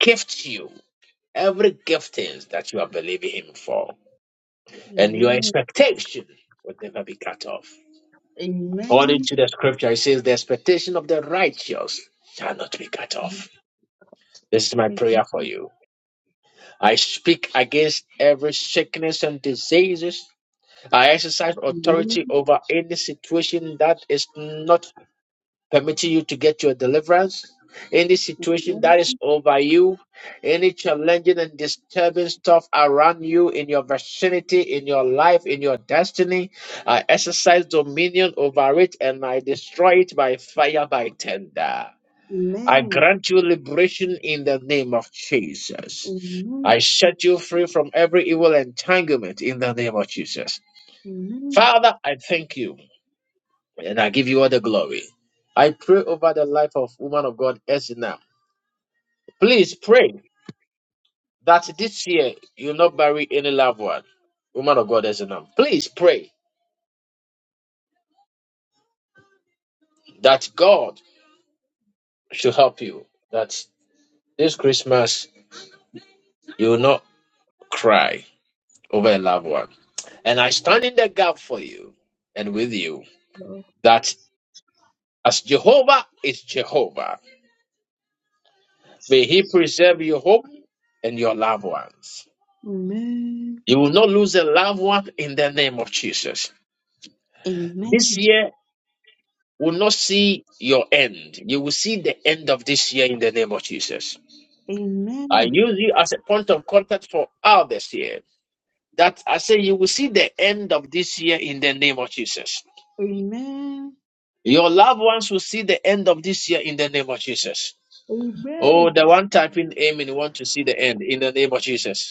[SPEAKER 1] gift you Every giftings that you are believing Him for, and your
[SPEAKER 2] Amen.
[SPEAKER 1] expectation will never be cut off.
[SPEAKER 2] Amen.
[SPEAKER 1] According to the scripture, it says, The expectation of the righteous shall not be cut off. This is my prayer for you. I speak against every sickness and diseases. I exercise authority over any situation that is not permitting you to get your deliverance. Any situation
[SPEAKER 2] Amen.
[SPEAKER 1] that
[SPEAKER 2] Amen.
[SPEAKER 1] is over you, any challenging and disturbing stuff around you, in your vicinity, in your life, in your destiny, I exercise dominion over it and I destroy it by fire, by tender. I
[SPEAKER 2] Amen.
[SPEAKER 1] grant you liberation in the name of Jesus.
[SPEAKER 2] Amen.
[SPEAKER 1] I set you free from every evil entanglement in the name of Jesus.
[SPEAKER 2] Amen.
[SPEAKER 1] Father, I thank you and I give you all the glory. I pray over the life of woman of God Esna. Please pray that this year you'll not bury any loved one. Woman of God Esna. Please pray that God should help you. That this Christmas you will not cry over a loved one. And I stand in the gap for you and with you
[SPEAKER 2] Lord
[SPEAKER 1] that as Jehovah is Jehovah, may He
[SPEAKER 2] Jesus.
[SPEAKER 1] preserve your home and your loved ones.
[SPEAKER 2] Amen.
[SPEAKER 1] You will not lose a loved one in the name of Jesus. This
[SPEAKER 2] Amen.
[SPEAKER 1] year will not see your end. You will see the end of this year in the name of Jesus. I
[SPEAKER 2] Amen.
[SPEAKER 1] use you as a point of contact for others here. That I say you will see the end of this year in the name of Jesus.
[SPEAKER 2] Amen.
[SPEAKER 1] Your loved ones will see the end of this year in the name of Jesus. Oh,
[SPEAKER 2] Amen.
[SPEAKER 1] the one typing amen want to see the end in the name of Jesus.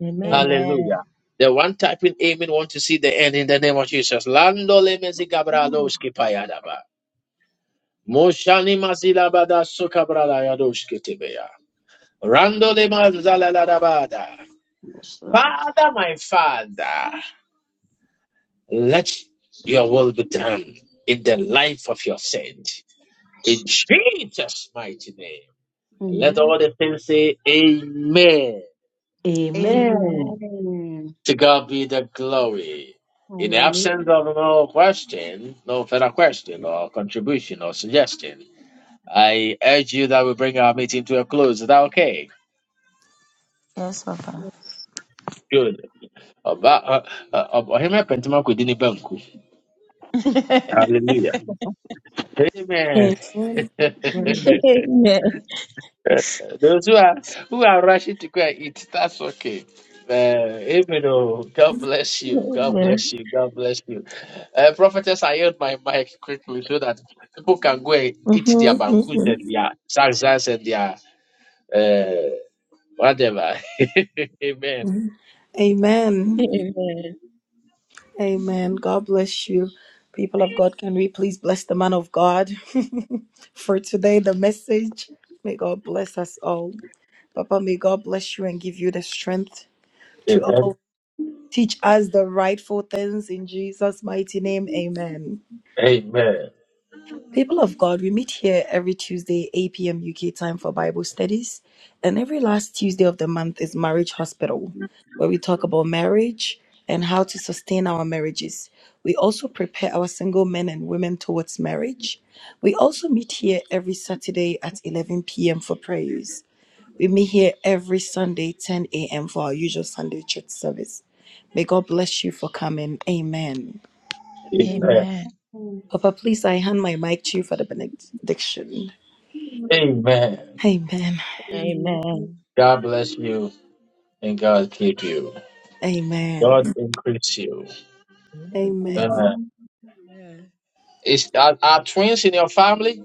[SPEAKER 5] Amen. Amen. Amen. Amen.
[SPEAKER 6] Amen.
[SPEAKER 1] Hallelujah. The one typing amen want to see the end in the name of Jesus. Lando le mezi
[SPEAKER 2] Amen.
[SPEAKER 1] gabraloski payadaba. Moshani mazila bada sukabrala yadoski tibeya. Rando le mazala ladabada.
[SPEAKER 2] Yes, Lord.
[SPEAKER 1] Father, my father, let your will be done in the life of your saint. In Jesus' mighty name. And let
[SPEAKER 2] Amen.
[SPEAKER 1] all the saints say amen.
[SPEAKER 6] Amen.
[SPEAKER 5] Amen.
[SPEAKER 2] Amen.
[SPEAKER 1] To God be the glory. In the
[SPEAKER 2] Hallelujah.
[SPEAKER 1] absence of no question, no further question or contribution or suggestion, I urge you that we bring our meeting to a close. Is that okay?
[SPEAKER 6] Yes, Papa.
[SPEAKER 1] Good. Ọba ọ- ọ- ọba- ọhịmịa pẹntẹmọkụ dị n'ebe nkụ. Hallelujah. Amen.
[SPEAKER 8] Amen.
[SPEAKER 5] Amen.
[SPEAKER 2] Amen.
[SPEAKER 6] Amen.
[SPEAKER 1] Those who are who are rushing to go and eat, that's okay. Uh, amen. Oh, God bless you. God
[SPEAKER 6] Amen.
[SPEAKER 1] bless you. God bless you. Uh, prophetess, I held my mic quickly so that people can go and eat their banquet
[SPEAKER 8] hmm
[SPEAKER 1] and their saxas and their uh, whatever. amen.
[SPEAKER 8] Amen.
[SPEAKER 6] Amen.
[SPEAKER 8] Amen. God bless you. People of God, can we please bless the man of God for today, the message? May God bless us all. Papa, may God bless you and give you the strength to
[SPEAKER 1] Amen.
[SPEAKER 8] all teach us the rightful things in Jesus' mighty name. Amen.
[SPEAKER 1] Amen.
[SPEAKER 8] People of God, we meet here every Tuesday, 8 p.m. UK time for Bible studies. And every last Tuesday of the month is Marriage Hospital, where we talk about marriage and how to sustain our marriages. We also prepare our single men and women towards marriage. We also meet here every Saturday at 11 p.m. for prayers. We meet here every Sunday, 10 a.m., for our usual Sunday church service. May God bless you for coming. Amen.
[SPEAKER 2] Amen.
[SPEAKER 1] Amen.
[SPEAKER 6] Amen.
[SPEAKER 8] Papa, please, I hand my mic to you for the benediction.
[SPEAKER 1] Amen.
[SPEAKER 8] Amen.
[SPEAKER 2] Amen.
[SPEAKER 6] Amen.
[SPEAKER 1] God bless you and God keep you. God
[SPEAKER 8] Amen.
[SPEAKER 1] increase you.
[SPEAKER 5] Amen.
[SPEAKER 8] Amen.
[SPEAKER 1] Uh, is are, are twins in your family?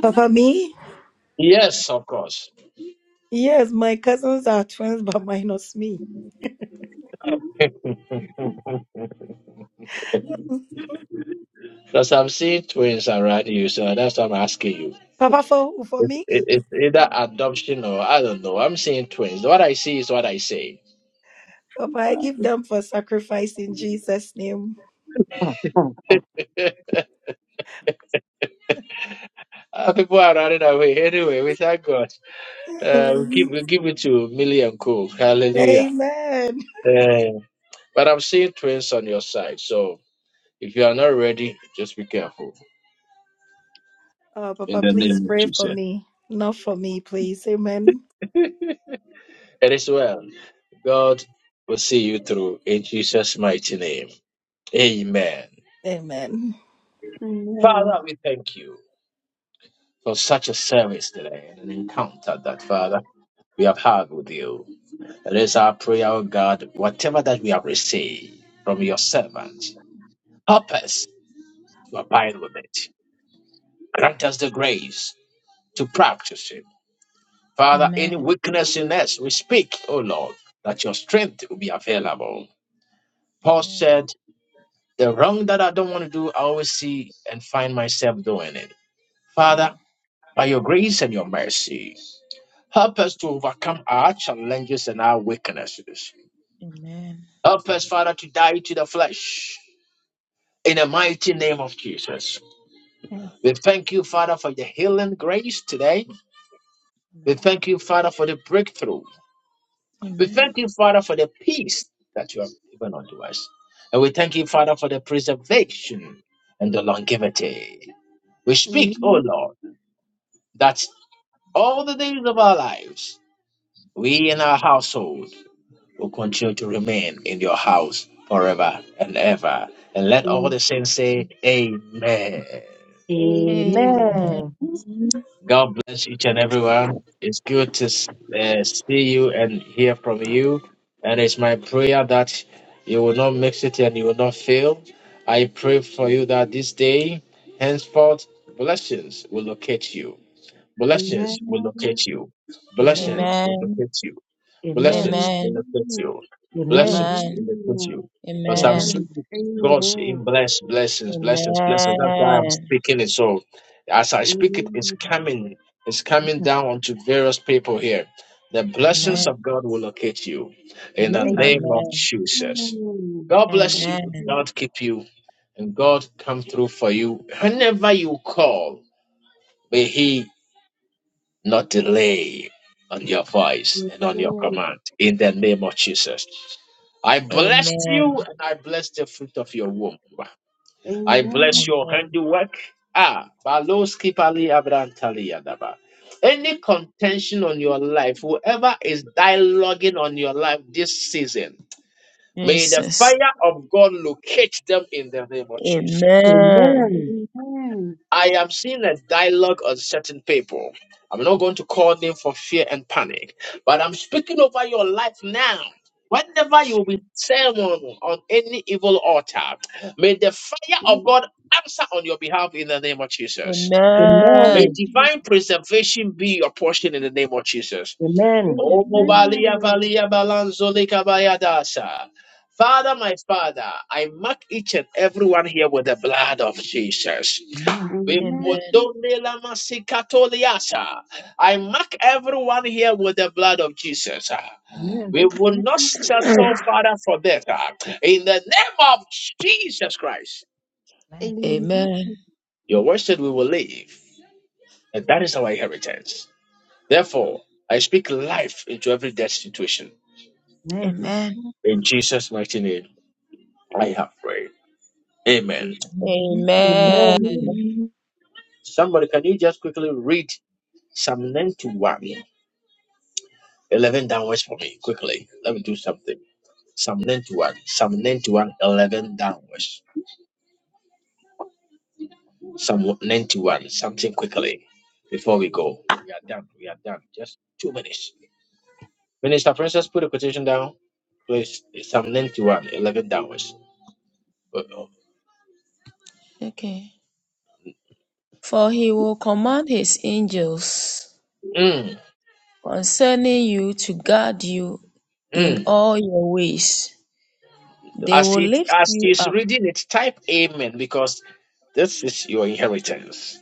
[SPEAKER 8] Papa, me?
[SPEAKER 1] Yes, of course.
[SPEAKER 8] Yes, my cousins are twins, but minus me.
[SPEAKER 1] Because I'm seeing twins around you, so that's what I'm asking you.
[SPEAKER 8] Papa, for who? For
[SPEAKER 1] It,
[SPEAKER 8] me?
[SPEAKER 1] it, it's either adoption or I don't know. I'm seeing twins. What I see is what I say.
[SPEAKER 8] Papa, I give them for sacrifice in Jesus' name.
[SPEAKER 5] Ah, ah.
[SPEAKER 1] Ah, People are running away. Anyway, we thank God. Uh, we give
[SPEAKER 8] Amen.
[SPEAKER 1] we give it to Millie and Co. Hallelujah.
[SPEAKER 8] Amen.
[SPEAKER 1] Eh, but I'm seeing twins on your side, so if you are not ready, just be careful.
[SPEAKER 8] Oh,
[SPEAKER 1] In
[SPEAKER 8] Papa,
[SPEAKER 1] the name
[SPEAKER 8] please
[SPEAKER 1] of
[SPEAKER 8] pray for
[SPEAKER 1] Jesus.
[SPEAKER 8] me. Not for me, please. Amen.
[SPEAKER 1] It is well. God will see you through in Jesus' mighty name. Amen.
[SPEAKER 8] Amen.
[SPEAKER 2] Amen.
[SPEAKER 1] Father,
[SPEAKER 2] Amen.
[SPEAKER 1] we thank you. for such a service today and an encounter that, Father, we have had with you. It is our prayer, O God, whatever that we have received from your servant, help us to abide with it. Grant us the grace to practice it. Father, any
[SPEAKER 6] Amen.
[SPEAKER 1] weakness in us, we speak, O Lord, that your strength will be available. Paul
[SPEAKER 6] Amen.
[SPEAKER 1] said, The wrong that I don't want to do, I always see and find myself doing it.
[SPEAKER 6] Amen. Mm.
[SPEAKER 1] Father, by your grace and your mercy, Help us to overcome our challenges and our weaknesses.
[SPEAKER 6] Amen.
[SPEAKER 1] Help us, Father, to die to the flesh in the mighty name of Jesus. We thank you, Father, for the healing grace today. We thank you, Father, for the breakthrough.
[SPEAKER 6] Amen.
[SPEAKER 1] We
[SPEAKER 6] Amen.
[SPEAKER 1] thank you, Father, for the peace that you have given unto us. And we thank you, Father, for the preservation and the longevity. We speak, O
[SPEAKER 2] Amen.
[SPEAKER 1] Lord, that all the days of our lives, we and our household. will continue to remain in your house forever and ever. And let all the saints say, Amen.
[SPEAKER 2] Amen.
[SPEAKER 6] Amen.
[SPEAKER 5] Amen.
[SPEAKER 1] God bless each and everyone. It's good to uh, see you and hear from you. And it's my prayer that you will not mix it and you will not fail. I pray for you that this day, henceforth, blessings will locate you.
[SPEAKER 5] Amen.
[SPEAKER 1] Blessings will locate you. Blessings
[SPEAKER 5] Amen.
[SPEAKER 1] will
[SPEAKER 6] Amen.
[SPEAKER 1] locate you.
[SPEAKER 5] Amen.
[SPEAKER 1] Blessings
[SPEAKER 6] Amen.
[SPEAKER 1] benefit you.
[SPEAKER 5] Amen.
[SPEAKER 1] Blessings
[SPEAKER 6] Amen.
[SPEAKER 1] benefit you. Because I'm
[SPEAKER 6] Amen.
[SPEAKER 1] seeing
[SPEAKER 5] Amen.
[SPEAKER 2] Amen. Amen. Amen.
[SPEAKER 1] God's
[SPEAKER 2] Amen.
[SPEAKER 1] in bless, blessings, blessings, blessings. That's why I'm
[SPEAKER 6] Amen.
[SPEAKER 1] speaking it. So as I speak it, it's
[SPEAKER 2] Amen.
[SPEAKER 1] coming. It's coming down onto various people here. The blessings
[SPEAKER 6] Amen.
[SPEAKER 1] of God will locate you in
[SPEAKER 2] Amen. Amen. Amen. Amen. Amen. Amen. Amen. Amen. Amen.
[SPEAKER 1] the
[SPEAKER 5] Amen.
[SPEAKER 1] name of
[SPEAKER 6] Amen.
[SPEAKER 1] Jesus. God bless you.
[SPEAKER 6] Amen.
[SPEAKER 1] God keep you. And God come through for you. Whenever you call, may He not delay on your voice and on your command in the name of Jesus. I bless
[SPEAKER 6] Amen.
[SPEAKER 1] you and I bless the fruit of your womb. I bless your
[SPEAKER 6] Amen.
[SPEAKER 1] handiwork. Ah, Baloski Pali Abrantali Yadaba. Any contention on your life, whoever is dialoguing on your life this season, may the
[SPEAKER 6] Jesus.
[SPEAKER 1] fire of God locate them in the name of Jesus.
[SPEAKER 5] Amen.
[SPEAKER 6] Amen.
[SPEAKER 5] Amen.
[SPEAKER 1] I am seeing a dialogue on certain people. I'm not going to call them for fear and panic, but I'm speaking over your life now. Whenever you will be sermon on any evil altar, may the fire of God answer on your behalf in the name of Jesus.
[SPEAKER 6] Amen.
[SPEAKER 1] May
[SPEAKER 5] Amen.
[SPEAKER 1] divine preservation be your portion in the name of Jesus.
[SPEAKER 5] Amen.
[SPEAKER 1] Oh,
[SPEAKER 2] Amen.
[SPEAKER 6] Amen.
[SPEAKER 1] Balia, Balia, Balanzo, Lika, Bayadasa. Father, my Father, I mark each and everyone here with the blood of Jesus.
[SPEAKER 5] Amen. Amen.
[SPEAKER 1] We
[SPEAKER 6] Amen.
[SPEAKER 1] bondone la masikatoliasa. I mark everyone here with the blood of Jesus.
[SPEAKER 5] Amen.
[SPEAKER 1] We will not settle, Father, for that. In the name of Jesus Christ,
[SPEAKER 2] Amen.
[SPEAKER 6] Amen.
[SPEAKER 1] your word said we will live, and that is our inheritance. Therefore, I speak life into every death situation.
[SPEAKER 5] Amen.
[SPEAKER 6] Amen.
[SPEAKER 1] In Jesus' mighty name. I have prayed. Amen.
[SPEAKER 5] Amen.
[SPEAKER 6] Amen.
[SPEAKER 1] Somebody, can you just quickly read Psalm 91, 11 downwards for me? Quickly. Let me do something. Psalm 91, Psalm 91, 11 downwards. Psalm 91, something quickly before we go. We are done. We are done. Just two minutes. Minister Princess, put the quotation down. Please, Psalm 91, 11 downwards. Uh-oh.
[SPEAKER 6] Okay. For he will command his angels
[SPEAKER 1] Mm,
[SPEAKER 6] concerning you to guard you in
[SPEAKER 1] mm.
[SPEAKER 6] all your ways. They
[SPEAKER 1] As,
[SPEAKER 6] will
[SPEAKER 1] he,
[SPEAKER 6] lift
[SPEAKER 1] as
[SPEAKER 6] you
[SPEAKER 1] he's
[SPEAKER 6] up
[SPEAKER 1] reading it, type Amen because this is your inheritance.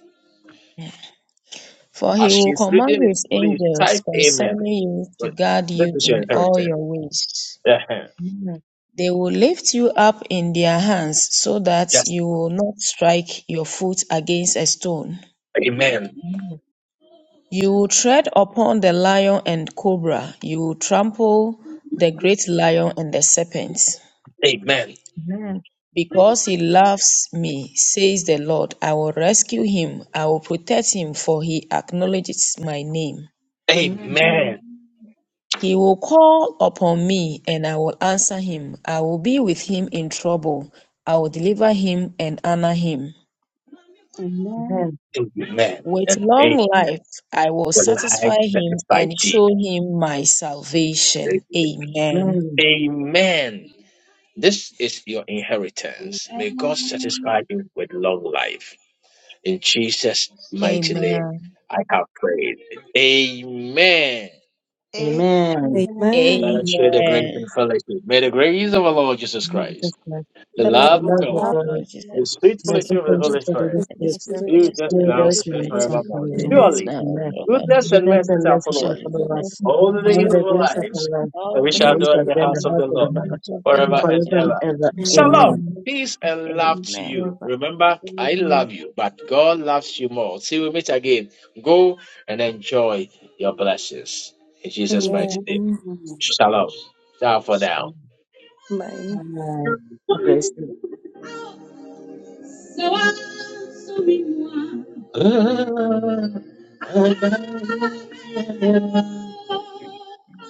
[SPEAKER 6] For he
[SPEAKER 1] As
[SPEAKER 6] will
[SPEAKER 1] she's
[SPEAKER 6] command
[SPEAKER 1] reading it,
[SPEAKER 6] his
[SPEAKER 1] please
[SPEAKER 6] angels
[SPEAKER 1] type amen.
[SPEAKER 6] concerning you to
[SPEAKER 1] But
[SPEAKER 6] guard
[SPEAKER 1] this
[SPEAKER 6] you
[SPEAKER 1] is your
[SPEAKER 6] in all
[SPEAKER 1] inheritance.
[SPEAKER 6] your ways.
[SPEAKER 1] Yeah.
[SPEAKER 5] Amen.
[SPEAKER 6] They will lift you up in their hands so that
[SPEAKER 1] Just
[SPEAKER 6] you will not strike your foot against a stone.
[SPEAKER 1] amen.
[SPEAKER 5] Amen.
[SPEAKER 6] You will tread upon the lion and cobra. You will trample the great lion and the serpent.
[SPEAKER 1] Amen.
[SPEAKER 5] Amen.
[SPEAKER 6] Because he loves me, says the Lord, I will rescue him. I will protect him, for he acknowledges my name.
[SPEAKER 1] Amen.
[SPEAKER 5] Amen.
[SPEAKER 2] Amen.
[SPEAKER 6] He will call upon me, and I will answer him. I will be with him in trouble. I will deliver him and honor him.
[SPEAKER 2] Amen.
[SPEAKER 5] Amen.
[SPEAKER 1] Amen.
[SPEAKER 6] With
[SPEAKER 1] And
[SPEAKER 6] long
[SPEAKER 1] amen.
[SPEAKER 6] life, I will
[SPEAKER 1] For like
[SPEAKER 6] satisfy
[SPEAKER 1] that
[SPEAKER 6] him
[SPEAKER 1] is thy
[SPEAKER 6] and
[SPEAKER 1] deed.
[SPEAKER 6] show him my salvation. Amen.
[SPEAKER 5] Amen.
[SPEAKER 1] Amen. This is your inheritance. May God satisfy you with long life. In Jesus' mighty name,
[SPEAKER 6] Amen.
[SPEAKER 1] I have prayed. Amen.
[SPEAKER 5] Amen.
[SPEAKER 1] Let
[SPEAKER 8] Amen.
[SPEAKER 1] us share the grace
[SPEAKER 6] Amen.
[SPEAKER 1] and fellowship. May the grace of our Lord Jesus
[SPEAKER 5] Love
[SPEAKER 1] Christ,
[SPEAKER 5] Jesus Christ,
[SPEAKER 1] the
[SPEAKER 8] The
[SPEAKER 6] The
[SPEAKER 8] love
[SPEAKER 5] the
[SPEAKER 1] love
[SPEAKER 8] of
[SPEAKER 1] of
[SPEAKER 6] grace
[SPEAKER 5] love
[SPEAKER 6] of
[SPEAKER 5] of
[SPEAKER 1] God
[SPEAKER 6] our
[SPEAKER 8] God,
[SPEAKER 2] Love,
[SPEAKER 5] God,
[SPEAKER 6] Lord Jesus
[SPEAKER 2] love,
[SPEAKER 1] the sweet
[SPEAKER 5] and
[SPEAKER 6] Christ,
[SPEAKER 5] the
[SPEAKER 6] the
[SPEAKER 1] fellowship
[SPEAKER 6] love
[SPEAKER 5] sweet
[SPEAKER 6] of
[SPEAKER 1] of the
[SPEAKER 8] the
[SPEAKER 5] fellowship
[SPEAKER 1] Holy
[SPEAKER 6] God,
[SPEAKER 5] of the Holy
[SPEAKER 1] Spirit,
[SPEAKER 6] and
[SPEAKER 8] Holy
[SPEAKER 6] the
[SPEAKER 5] Spirit,
[SPEAKER 6] sweet
[SPEAKER 8] Spirit.
[SPEAKER 1] be
[SPEAKER 6] fellowship
[SPEAKER 1] with us
[SPEAKER 6] of
[SPEAKER 5] be
[SPEAKER 6] the
[SPEAKER 5] with
[SPEAKER 2] love,
[SPEAKER 6] Holy
[SPEAKER 1] now
[SPEAKER 5] us
[SPEAKER 1] and
[SPEAKER 5] now
[SPEAKER 6] Spirit,
[SPEAKER 5] and
[SPEAKER 2] in
[SPEAKER 1] forevermore.
[SPEAKER 2] the
[SPEAKER 6] be with
[SPEAKER 5] forevermore.
[SPEAKER 8] Amen.
[SPEAKER 6] us
[SPEAKER 1] Surely,
[SPEAKER 2] mind
[SPEAKER 6] now and
[SPEAKER 2] and
[SPEAKER 5] Amen.
[SPEAKER 2] by
[SPEAKER 6] forevermore.
[SPEAKER 2] the
[SPEAKER 1] goodness and
[SPEAKER 5] Goodness
[SPEAKER 2] strong
[SPEAKER 1] mercy
[SPEAKER 5] and
[SPEAKER 1] shall
[SPEAKER 5] mercy
[SPEAKER 1] follow
[SPEAKER 5] shall
[SPEAKER 1] us
[SPEAKER 6] Surely
[SPEAKER 5] follow
[SPEAKER 6] goodness
[SPEAKER 5] us.
[SPEAKER 6] and
[SPEAKER 2] legacy
[SPEAKER 1] all the
[SPEAKER 10] Amen.
[SPEAKER 6] mercy
[SPEAKER 5] All the
[SPEAKER 1] days
[SPEAKER 6] shall
[SPEAKER 2] upon
[SPEAKER 1] of our
[SPEAKER 6] follow
[SPEAKER 5] days
[SPEAKER 6] us
[SPEAKER 5] of our
[SPEAKER 1] lives,
[SPEAKER 5] life,
[SPEAKER 6] all
[SPEAKER 1] and
[SPEAKER 2] all
[SPEAKER 1] we
[SPEAKER 6] the
[SPEAKER 2] the
[SPEAKER 1] shall
[SPEAKER 5] and
[SPEAKER 6] days
[SPEAKER 5] we
[SPEAKER 6] of
[SPEAKER 1] dwell
[SPEAKER 5] shall
[SPEAKER 1] in
[SPEAKER 2] vacant
[SPEAKER 1] the
[SPEAKER 6] our
[SPEAKER 5] be in the
[SPEAKER 6] life
[SPEAKER 1] house of
[SPEAKER 2] moments
[SPEAKER 5] house
[SPEAKER 1] the
[SPEAKER 5] of the
[SPEAKER 1] Lord
[SPEAKER 2] and
[SPEAKER 5] Lord
[SPEAKER 2] to burn
[SPEAKER 1] forever
[SPEAKER 2] the
[SPEAKER 1] and
[SPEAKER 5] forever
[SPEAKER 2] heat
[SPEAKER 5] and
[SPEAKER 2] of
[SPEAKER 1] ever.
[SPEAKER 2] the
[SPEAKER 5] ever.
[SPEAKER 2] world
[SPEAKER 1] Shalom,
[SPEAKER 8] Amen.
[SPEAKER 5] Amen.
[SPEAKER 10] Amen.
[SPEAKER 1] peace and love
[SPEAKER 2] and
[SPEAKER 1] to
[SPEAKER 6] Amen.
[SPEAKER 1] you.
[SPEAKER 2] forever.
[SPEAKER 1] Remember, I
[SPEAKER 2] Amen.
[SPEAKER 1] love you, but God loves you more. See, we meet again. Go and enjoy your blessings. In Jesus' mighty name.
[SPEAKER 8] Amen.
[SPEAKER 2] Amen.
[SPEAKER 1] Shalom. Ciao for now.
[SPEAKER 2] Amen.
[SPEAKER 8] Bye.
[SPEAKER 5] Amen. God bless you.
[SPEAKER 1] Ah, ah, ah, ah. ah.